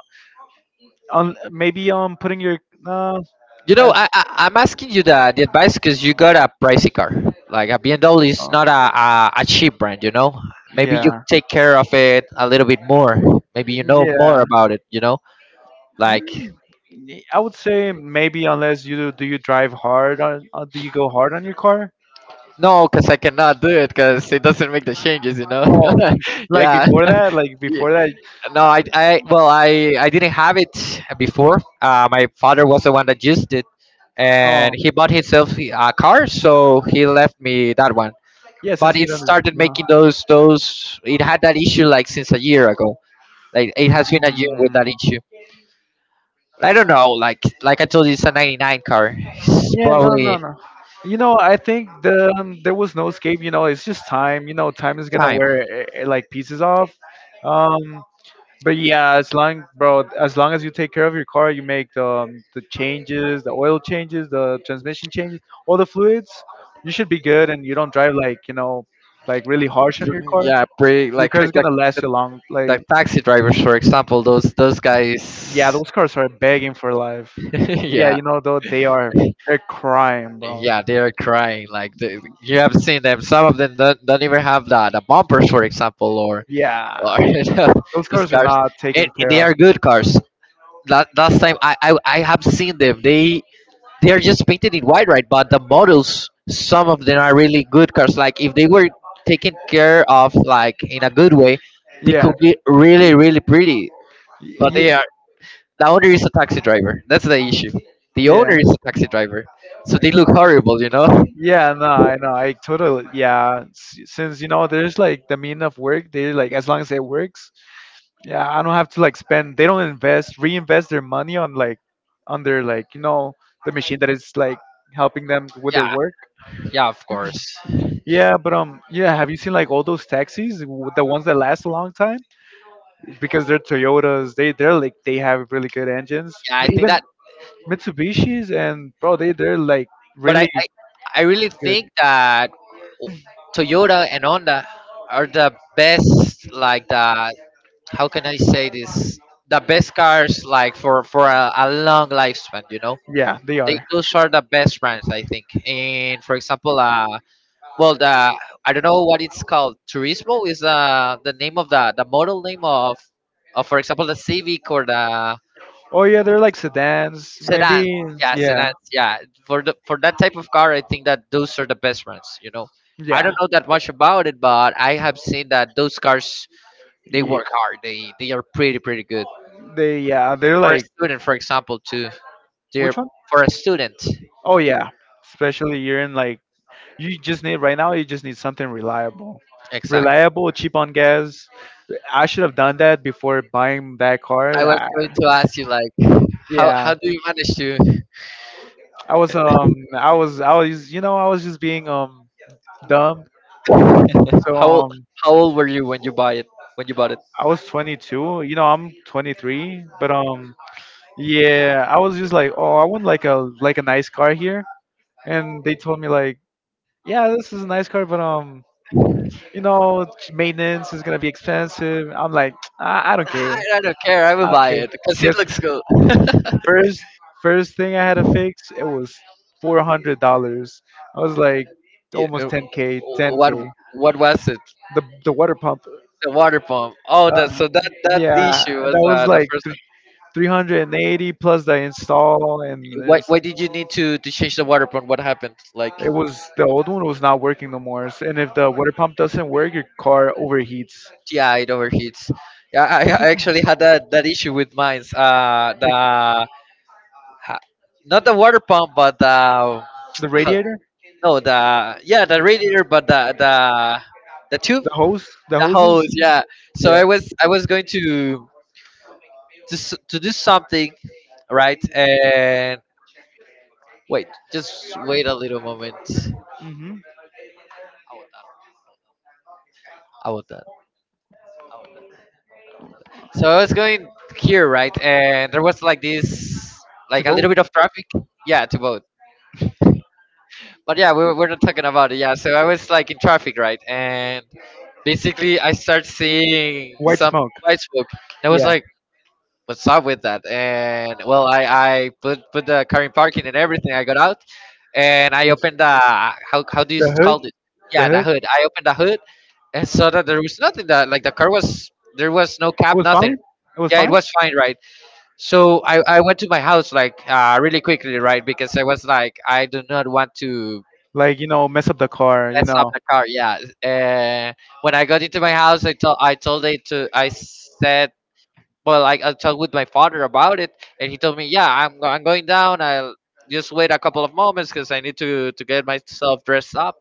B: Maybe putting your uh,
A: You know,
B: that's
A: I'm asking you the advice because you got a pricey car. Like a BMW is
B: uh,
A: not a cheap brand. You know, maybe you
B: yeah,
A: take care of it a little bit more. Maybe you know more
B: yeah.
A: about it. You know, like,
B: Mm, I would say maybe unless you do, do you drive hard on, do you go hard on your car?
A: no, because I cannot do it because it doesn't make the changes. You know,
B: Oh, like
A: yeah.
B: before that, like before
A: Yeah.
B: that.
A: No, I well, I didn't have it before. My father was the one that used it, and
B: Oh,
A: he bought himself a car, so he left me that one.
B: yeah.
A: But
B: Since you
A: it
B: don't.
A: started making those. It had that issue like since a year ago. Like it has been a year with
B: Mm.
A: that issue. But I don't know. Like I told you, it's a '99 car. It's
B: Yeah, no, no,
A: probably
B: no. You know, I think there was no escape. You know, it's just time. You know, time is gonna
A: time.
B: wear like pieces off. Um, but yeah, as long as you take care of your car, you make the changes, the oil changes, the transmission changes, all the fluids, you should be good, and you don't drive like like really harsh on your car.
A: Yeah, pretty
B: Your
A: like
B: car's gonna last
A: the
B: you long. Like,
A: like taxi drivers, for example. Those
B: yeah,
A: guys.
B: those cars are begging for life. Yeah,
A: Yeah,
B: though they are, they're crying, bro.
A: yeah, they're crying. Like they, you have seen them. Some of them don't even have the bumpers, for example, or
B: Yeah. Those
A: the
B: cars are
A: cars.
B: not taken
A: And they
B: care of.
A: are good cars. Last time I have seen them. They are just painted in white, right? But the models, some of them are really good cars. Like if they were taken care of, like in a good way, they could
B: Yeah.
A: be really pretty. But they
B: Yeah.
A: are, the owner is a taxi driver. That's the issue. The
B: Yeah.
A: owner is a taxi driver, so they look horrible, you know.
B: Yeah. No, I know. I totally. Yeah. Since there's like the mean of work. They like as long as it works. Yeah. I don't have to like spend. They don't invest, reinvest their money on their like the machine that is like helping them with their
A: Yeah,
B: work.
A: yeah, of course.
B: Yeah, but yeah. Have you seen like all those taxis, the ones that last a long time? Because they're Toyotas. They're like they have really good engines.
A: Yeah, I think
B: Even
A: that.
B: Mitsubishi's and bro, they're like
A: But
B: really
A: I really
B: good.
A: think that Toyota and Honda are the best, like the, how can I say this? The best cars, like for a long lifespan, you know.
B: Yeah, they
A: They
B: are.
A: those are the best brands, I think. And for example, well, the, I don't know what it's called. Turismo is the name of the model name of for example, the Civic or the
B: Oh yeah, they're like sedans,
A: sedan.
B: maybe.
A: Yeah,
B: Yeah,
A: sedans. Yeah, for the for that type of car, I think that those are the best brands. You know, I
B: yeah,
A: don't know that much about it, but I have seen that those cars they
B: yeah.
A: work hard. They are pretty good.
B: They Yeah, they're
A: For a
B: like
A: student, for example, to dear,
B: which one?
A: for a student.
B: Oh yeah, especially you're in like you just need right now. You just need something
A: Exactly.
B: reliable, cheap on gas. I should have done that before buying that car.
A: I was
B: Ah,
A: going to ask you like
B: yeah,
A: how do you manage to
B: I was um I was just being dumb. So
A: how old- how old were you when you buy it when you bought it?
B: I was 22. You know I'm 23, but yeah I was just like oh I want like a nice car here, and they told me like yeah this is a nice car, but you know maintenance is gonna be expensive. I'm like I don't
A: Nah, I
B: care.
A: I don't care. I
B: I
A: will
B: don't
A: buy
B: care.
A: it because it
B: Guess
A: looks good.
B: first first thing I had to fix it was $400. I was like
A: Yeah,
B: almost 10K, 10K,
A: what what was it?
B: the water pump.
A: The water pump. Oh, that
B: Uh,
A: so that that
B: yeah,
A: issue was
B: that was
A: the
B: like
A: first.
B: 380 plus the install and this.
A: Why did you need to change the water pump? What happened? Like.
B: It was the old one was not working no more. And if the water pump doesn't work, your car overheats.
A: Yeah, it overheats. Yeah, I actually had that issue with mine
B: Like
A: the ha- not the water pump but the
B: the
A: how,
B: radiator,
A: no the yeah the radiator but the tube,
B: the hose, the
A: the hose,
B: hoses.
A: yeah. So
B: Yeah.
A: I was going to to do something, right, and wait, just wait a little moment.
B: Hmm.
A: How about that? So I was going here, right, and there was like this,
B: To
A: like a
B: vote.
A: little bit of traffic. Yeah, to both. But yeah, we were, we're not talking about it. Yeah, so I was like in traffic, right? And basically, I start seeing
B: White
A: some
B: smoke.
A: white smoke. And I was
B: Yeah.
A: like, "What's up with that?" And well, I put the car in parking and everything. I got out and
B: It
A: I
B: was-
A: opened the how do you
B: The hood.
A: call it?
B: The
A: Yeah, the
B: hood.
A: hood. I opened the hood and saw that there was nothing. That like the car was There was no
B: It
A: cap,
B: was fine.
A: nothing.
B: It was
A: Yeah, it
B: fine.
A: was fine, right? So I went to my house like really quickly, right? Because I was like, I do not want to
B: Like you know, mess up the car. You
A: mess up
B: know,
A: the car. Yeah. Uh, when I got into my house, I told it to. I said, well, I talked with my father about it, and he told me, yeah, I'm going down. I'll just wait a couple of moments because I need to get myself dressed up.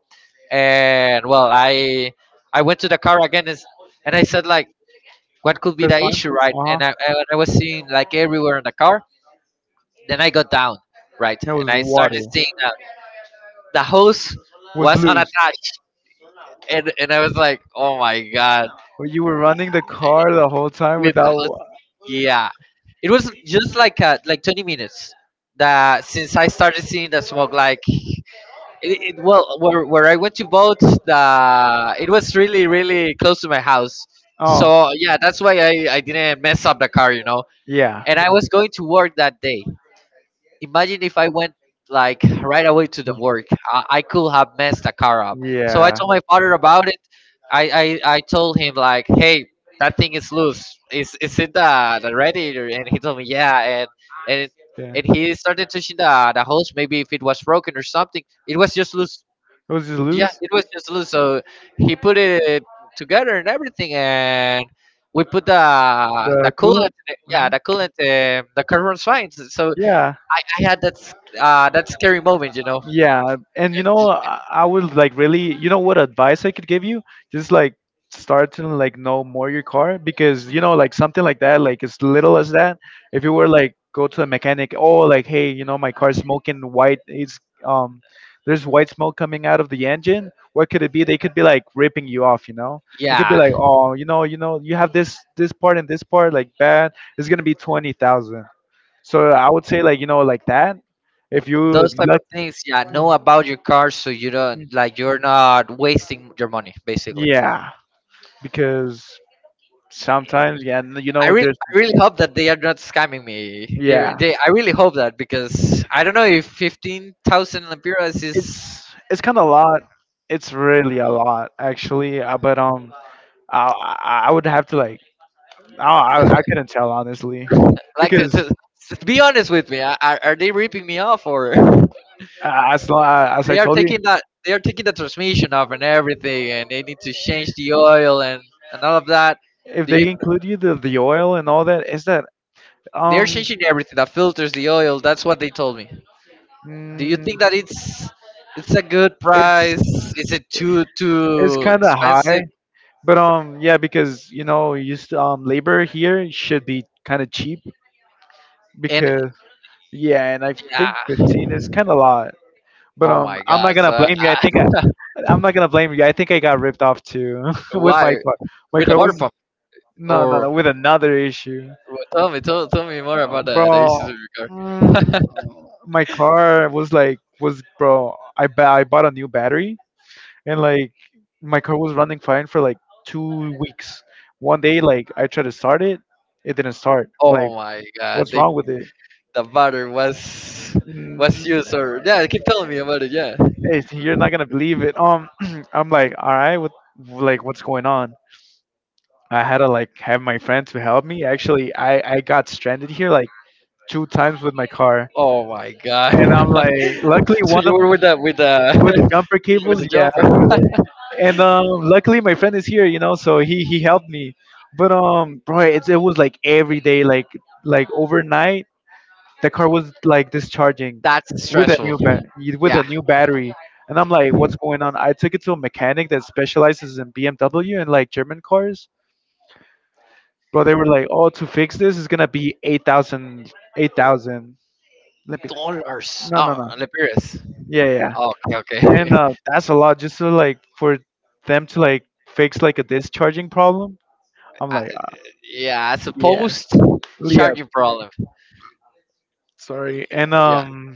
A: And well, I went to the car again, and, and I said like, what could
B: it
A: be
B: was
A: the
B: fine.
A: issue, right?
B: Uh huh.
A: And I was seeing like everywhere in the car. Then I got down, right,
B: It
A: and
B: was
A: I
B: water.
A: started seeing that the hose
B: Was
A: was
B: loose.
A: unattached, and I was like, oh my god,
B: Well, you were running the car the whole time
A: with how,
B: without.
A: yeah, it was just like 20 minutes that since I started seeing the smoke. Like where I went to boat, the it was really really close to my house,
B: Oh.
A: so yeah, that's why I didn't mess up the car, you know,
B: Yeah.
A: and I was going to work that day. Imagine if I went like right away to the work, I could have messed the car up. So I
B: Yeah.
A: told my father about it. I told him like, hey, that thing is loose. Is it the radiator? And he told me yeah, and it,
B: Yeah.
A: and he started touching the hose, maybe if it was broken or something. It was just loose.
B: It was just
A: Yeah,
B: lose
A: it was just loose. So he put it together and everything, and we put the
B: the
A: coolant.
B: coolant. Hmm.
A: Yeah, the coolant. The car runs fine. So
B: Yeah.
A: I I had that that's scary moment, you know.
B: Yeah, and you know, I would like really, you know, what advice I could give you? Just like start to like know more your car because you know, like something like that, like as little as that. If you were like go to a mechanic, oh, like hey, you know, my car's smoking white. It's um, there's white smoke coming out of the engine. What could it be? They could be like ripping you off, you know. It could be
A: Yeah,
B: like, oh, you know, you have this part and this part like bad. It's gonna be 20,000. So I would say like you know like that. If you
A: those type of
B: luck.
A: things. Yeah, know about your car so you don't
B: Mm-hmm.
A: like you're not wasting your money basically.
B: Yeah, because sometimes, yeah, you know, there's,
A: I really hope that they are not scamming me.
B: yeah,
A: I really hope that, because I don't know if 15,000 lempiras is.
B: it's it's kind of a lot. It's really a lot, actually. But I would have to like, I couldn't tell honestly,
A: Like
B: because
A: to be honest with me, are they ripping me off, or
B: as I
A: they are
B: told you,
A: taking that? They are taking the transmission off and everything, and they need to change the oil and all of that.
B: if
A: Do
B: they
A: you.
B: include you the oil and all that, is that
A: They're
B: um,
A: changing everything, the filters, the oil. That's what they told me. Do you
B: mm,
A: think that it's a good
B: it's
A: price? Is it
B: it's
A: too
B: kind of
A: expensive?
B: high. But yeah, because you know, used labor here should be kind of cheap
A: And
B: because yeah, and I think
A: yeah,
B: 15 is kind of a lot. But
A: oh my
B: I'm
A: God!
B: not gonna
A: So
B: blame you.
A: I,
B: I'm not gonna blame you. I think I got ripped off too with my
A: why
B: car. My
A: with a
B: car
A: water
B: was.
A: pump,
B: No, no,
A: or
B: no, with another issue.
A: well, tell me tell me more about the issues
B: Bro.
A: with your
B: mm,
A: car.
B: my car was like was, bro. I bought a new battery, and like my car was running fine for like 2 weeks. One day, like I tried to start it, it didn't start. I'm like,
A: Oh my God!
B: what's
A: They,
B: wrong with it?
A: the butter
B: Mm,
A: was used or yeah. Keep telling me about it. Yeah.
B: you're not gonna believe it. I'm like, all right, like what's going on? I had to like have my friend to help me. Actually, I got stranded here like 2 times with my car,
A: Oh my god.
B: and I'm like, luckily
A: So
B: one
A: you
B: of
A: were with the
B: with the jumper
A: with
B: cables,
A: the
B: yeah,
A: jumper.
B: over and luckily my friend is here, you know, so he helped me. But bro, it was like every day, like overnight, the car was like discharging
A: That's
B: with a
A: stressful.
B: new bat with a
A: Yeah.
B: new battery, and I'm like, what's going on? I took it to a mechanic that specializes in BMW and like German cars. Bro, they were like, oh, to fix this is gonna be 8,000, 8,000. Let me.
A: Dollars.
B: No, no,
A: Oh,
B: no.
A: Liberia's.
B: Yeah, yeah. Yeah.
A: Okay,
B: And
A: okay.
B: uh, that's a lot just to like for them to like fix like a discharging problem. I'm
A: I,
B: like,
A: yeah, I
B: yeah,
A: suppose
B: yeah.
A: charging problem.
B: Sorry, and
A: Yeah.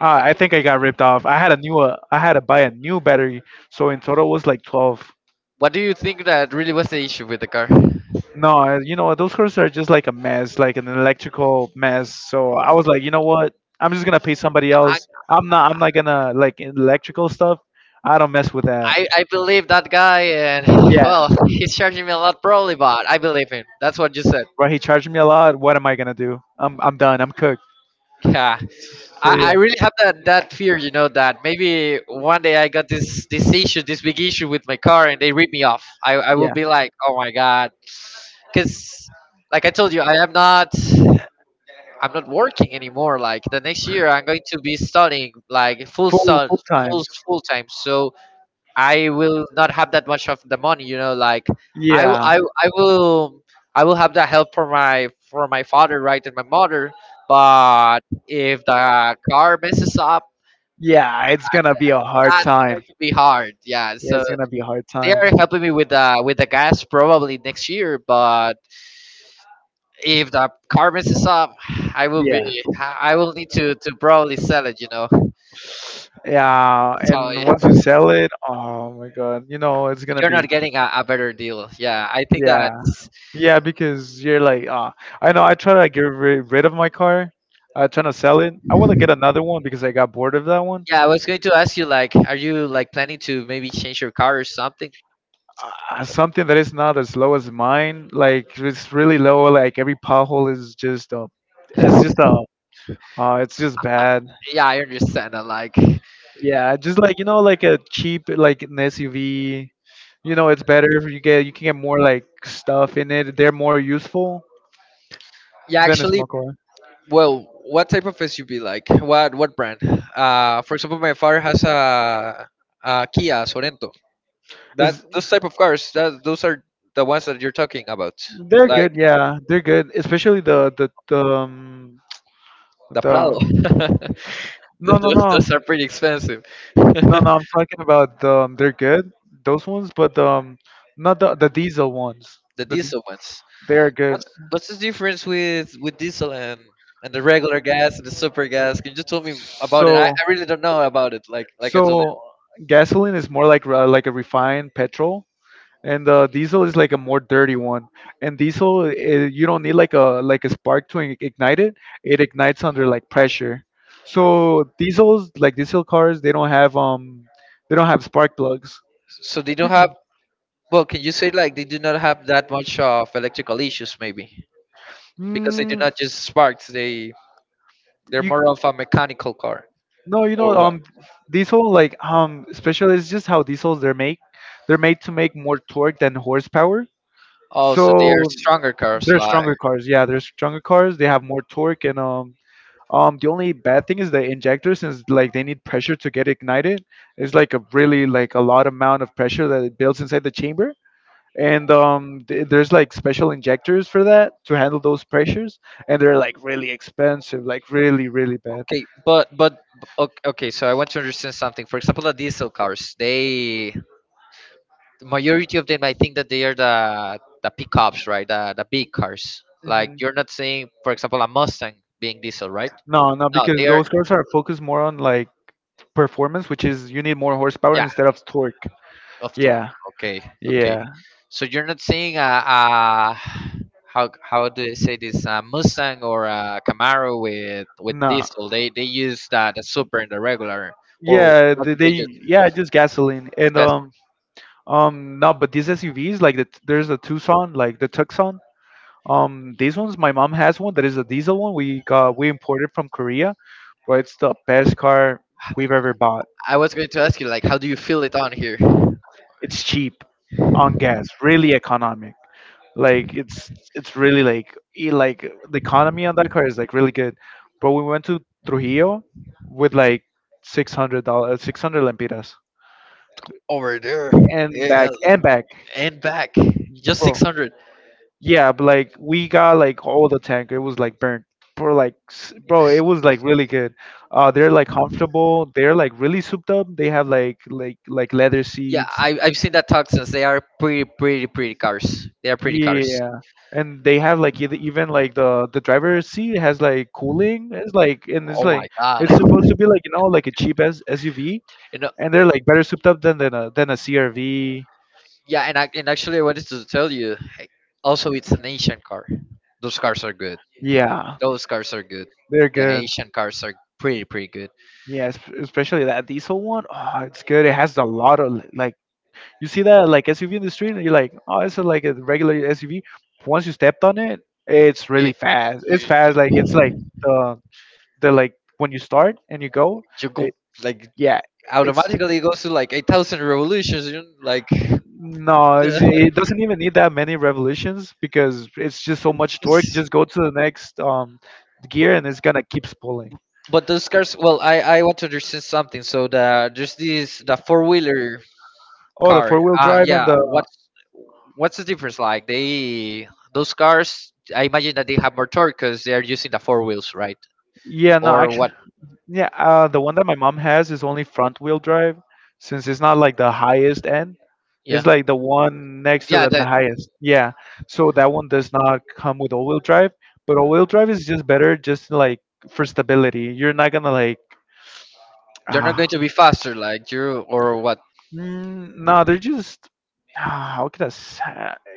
B: I think I got ripped off. I had to buy a new battery, so in total was like 12.
A: What do you think that really was the issue with the car?
B: No, you know what? Those cars are just like a mess, like an electrical mess. So I was like, you know what? I'm just gonna pay somebody else. I'm not gonna like electrical stuff. I don't mess with that.
A: I believe that guy, and
B: Yeah,
A: well, he's charging me a lot probably, but I believe him. That's what you said.
B: right. He charged me a lot. What am I gonna do? I'm done. I'm cooked.
A: Yeah.
B: So
A: I
B: yeah,
A: really have that, that fear, you know, that maybe one day I got this issue, this big issue with my car, and they rip me off. I will
B: yeah,
A: be like, oh my god, because like I told you, I'm not working anymore. Like the next year, I'm going to be studying like
B: full, full time.
A: full time. So I will not have that much of the money, you know. Like I will
B: Yeah,
A: I, I will I will have the help for my father, right, and my mother. But if the car messes up,
B: yeah. It's gonna be a hard
A: that's
B: time.
A: going to be hard. Yeah,
B: Yeah,
A: so
B: it's gonna be a hard
A: they
B: time.
A: are helping me with the gas probably next year, but if the car messes up,
B: Yeah,
A: I will need to probably sell it, you know.
B: yeah.
A: So
B: And once you sell it, oh my god, you know it's gonna
A: you're
B: be.
A: not getting a better deal. Yeah, I think
B: Yeah,
A: that.
B: yeah, because you're like, I know. I try to get rid of my car. I trying to sell it. I want to get another one because I got bored of that one.
A: Yeah, I was going to ask you, like, are you like planning to maybe change your car or something?
B: Something that is not as low as mine. Like it's really low. Like every pothole is just a. It's just a. It's just bad.
A: Yeah, I understand. I like,
B: Yeah, just like, like a cheap like an SUV. It's better if you can get more like stuff in it. They're more useful
A: yeah,
B: than a
A: actually,
B: small car.
A: well, what type of SUV? Like, what brand? For example, my father has a Kia Sorento. That
B: Is
A: Those type of cars, that those are the ones that you're talking about,
B: they're
A: like
B: good? Yeah, they're good. Especially
A: the
B: the
A: Prado.
B: no no
A: those,
B: no
A: those are pretty expensive.
B: no no.
A: The
B: I'm talking about they're good those ones, but not the diesel ones. The di-
A: diesel ones.
B: they're good.
A: What's what's the difference with diesel and the regular gas and the super gas? Can you just tell me
B: So.
A: about it? I really don't know about it, like I told you,
B: So gasoline is more like, like a refined petrol, and diesel is like a more dirty one. And diesel, you don't need like a spark to ignite it. It ignites under like pressure. So diesels, like diesel cars, they don't have spark plugs.
A: so they don't have. Well, can you say like they do not have that much of electrical issues, maybe because they do
B: Mm,
A: not just sparks? They, they're
B: you
A: more of a mechanical car,
B: no, you know,
A: or what?
B: diesel, like, especially, it's just how diesels they're made. They're made to make more torque than horsepower.
A: Oh, so they are
B: So
A: stronger cars.
B: they're
A: Like
B: stronger cars. Yeah, they're stronger cars. They have more torque, and the only bad thing is the injector, since like they need pressure to get ignited. It's like a really like a lot amount of pressure that it builds inside the chamber, and there's like special injectors for that to handle those pressures, and they're like really expensive, like really really bad.
A: okay, but okay. So I want to understand something. For example, the diesel cars, they, the majority of them, I think that they are the pickups, right, the big cars. Like
B: Mhm.
A: you're not seeing, for example, a Mustang being diesel, right?
B: No, no,
A: No,
B: because
A: they are.
B: those cars are focused more on like performance, which is you need more horsepower
A: Yeah.
B: instead of torque.
A: Of tour.
B: Yeah,
A: Okay. Okay.
B: yeah,
A: So you're not seeing a, how do they say this, a Mustang or a Camaro with
B: no.
A: diesel? They use the super and the regular, or
B: Yeah,
A: what
B: they,
A: do
B: they
A: they use?
B: yeah, just gasoline. And
A: That's,
B: no, but these SUVs like there's a Tucson, like the Tucson. These ones, my mom has one that is a diesel one, we imported from Korea, but it's the best car we've ever bought.
A: I was going to ask you like, how do you feel it on here
B: It's cheap on gas, really economic. Like it's really like, like the economy on that car is like really good. But we went to Trujillo with like $600 600 lempiras
A: over there?
B: and
A: Eh,
B: back and back.
A: and back just
B: Bro.
A: 600.
B: Yeah, but like we got like all the tank. It was like burnt. Bro, it was like really good. They're like comfortable. They're like really souped up. They have like leather
A: Yeah,
B: seats.
A: I, I've seen that Tucson's. They are pretty, pretty, pretty cars. They are pretty cars.
B: Yeah, and they have like, even like the driver's seat has like cooling. It's like, and it's
A: Oh my
B: like,
A: god.
B: it's supposed to be like, like a cheap S SUV,
A: You know,
B: and they're like better souped up than than a CRV.
A: yeah, and actually, I wanted to tell you, hey, also, it's an Asian car. Those cars are good.
B: Yeah,
A: Those cars are good.
B: they're
A: The
B: good.
A: Asian cars are pretty, pretty good.
B: Yeah, especially that diesel one. Oh, it's good. It has a lot of like, you see that like SUV in the street, and you're like, oh, it's like a regular SUV. Once you stepped on it, it's
A: It,
B: really fast. It's
A: you,
B: fast. Like it's like
A: you
B: the the like when you start and you go,
A: go,
B: it,
A: like,
B: yeah, it's
A: automatically it goes to like 8,000 revolutions, you know, like,
B: no, it doesn't even need that many revolutions because it's just so much torque.
A: just-
B: Just go to the next gear, and it's gonna keep pulling.
A: but those cars. Well, I want to understand something. So the there's this the four wheeler
B: Oh, the
A: car.
B: four-wheel
A: Uh,
B: drive, and
A: yeah.
B: the
A: What's the difference, like? They, those cars, I imagine that they have more torque because they are using the four wheels, right?
B: yeah, no,
A: Or what?
B: actually. Yeah, the one that my mom has is only front wheel drive, since it's not like the highest end.
A: Yeah.
B: It's like the one next to
A: Yeah.
B: the
A: That
B: highest. Yeah, so that one does not come with all wheel drive, but all wheel drive is just better, just like for stability. You're not gonna like,
A: you're not
B: ah,
A: going to be faster, like, you, or what?
B: no, they're just, how could I say?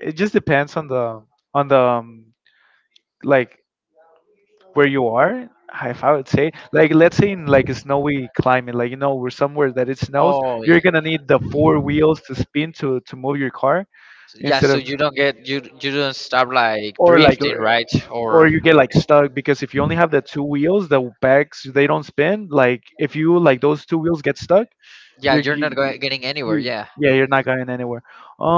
B: It just depends on the like, where you are. If I would say, like, let's say in like a snowy climate, like, we're somewhere that it snows,
A: Oh.
B: you're gonna need the four wheels to spin to move your car
A: Yeah.
B: instead
A: So
B: of,
A: you don't get, you don't stop like
B: or like or
A: drifting, right?
B: or
A: Or
B: you get like stuck, because if you only have the two wheels, the backs, they don't spin, like if you, like those two wheels get stuck,
A: yeah,
B: you're
A: you're
B: you,
A: not getting anywhere.
B: you,
A: Yeah.
B: yeah, you're not going anywhere.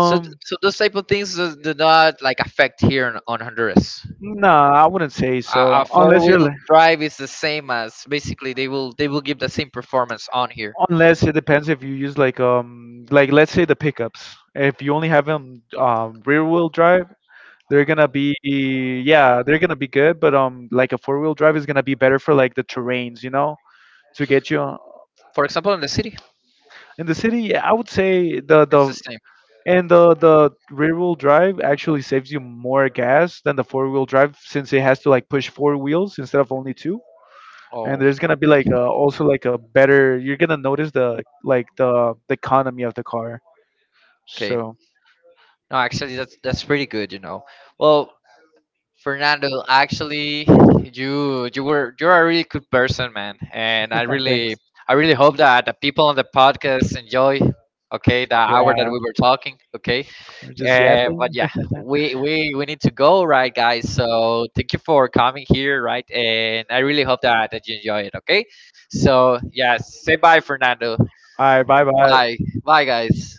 A: So so those type of things do, do not like affect here in, on Honduras.
B: no, I wouldn't say
A: A, a
B: so,
A: four
B: unless
A: wheel
B: you're,
A: drive is the same as basically they will give the same performance on here.
B: unless it depends if you use like, like, let's say the pickups, if you only have them rear wheel drive, they're gonna be, yeah, they're gonna be good, but like a four-wheel drive is gonna be better for like the terrains, to get you,
A: For example, in the city,
B: in the city. Yeah, I would say the,
A: it's the same.
B: and the rear wheel drive actually saves you more gas than the four-wheel drive, since it has to like push four wheels instead of only two, and
A: Oh,
B: there's gonna be like a, also like a better, you're gonna notice the, like, the economy of the car.
A: okay.
B: So
A: No, actually, that's pretty good, you know. Well, Fernando, actually, you're a really good person, man, and
B: thanks.
A: I really hope that the people on the podcast enjoy. Okay, the hour that
B: Yeah,
A: we were talking. Okay.
B: we're just
A: But
B: yapping.
A: yeah, we need to go, right, guys? So thank you for coming here, right? And I really hope that, that you enjoy it. Okay. So yeah, say bye, Fernando.
B: All right, bye bye.
A: Bye, bye, guys.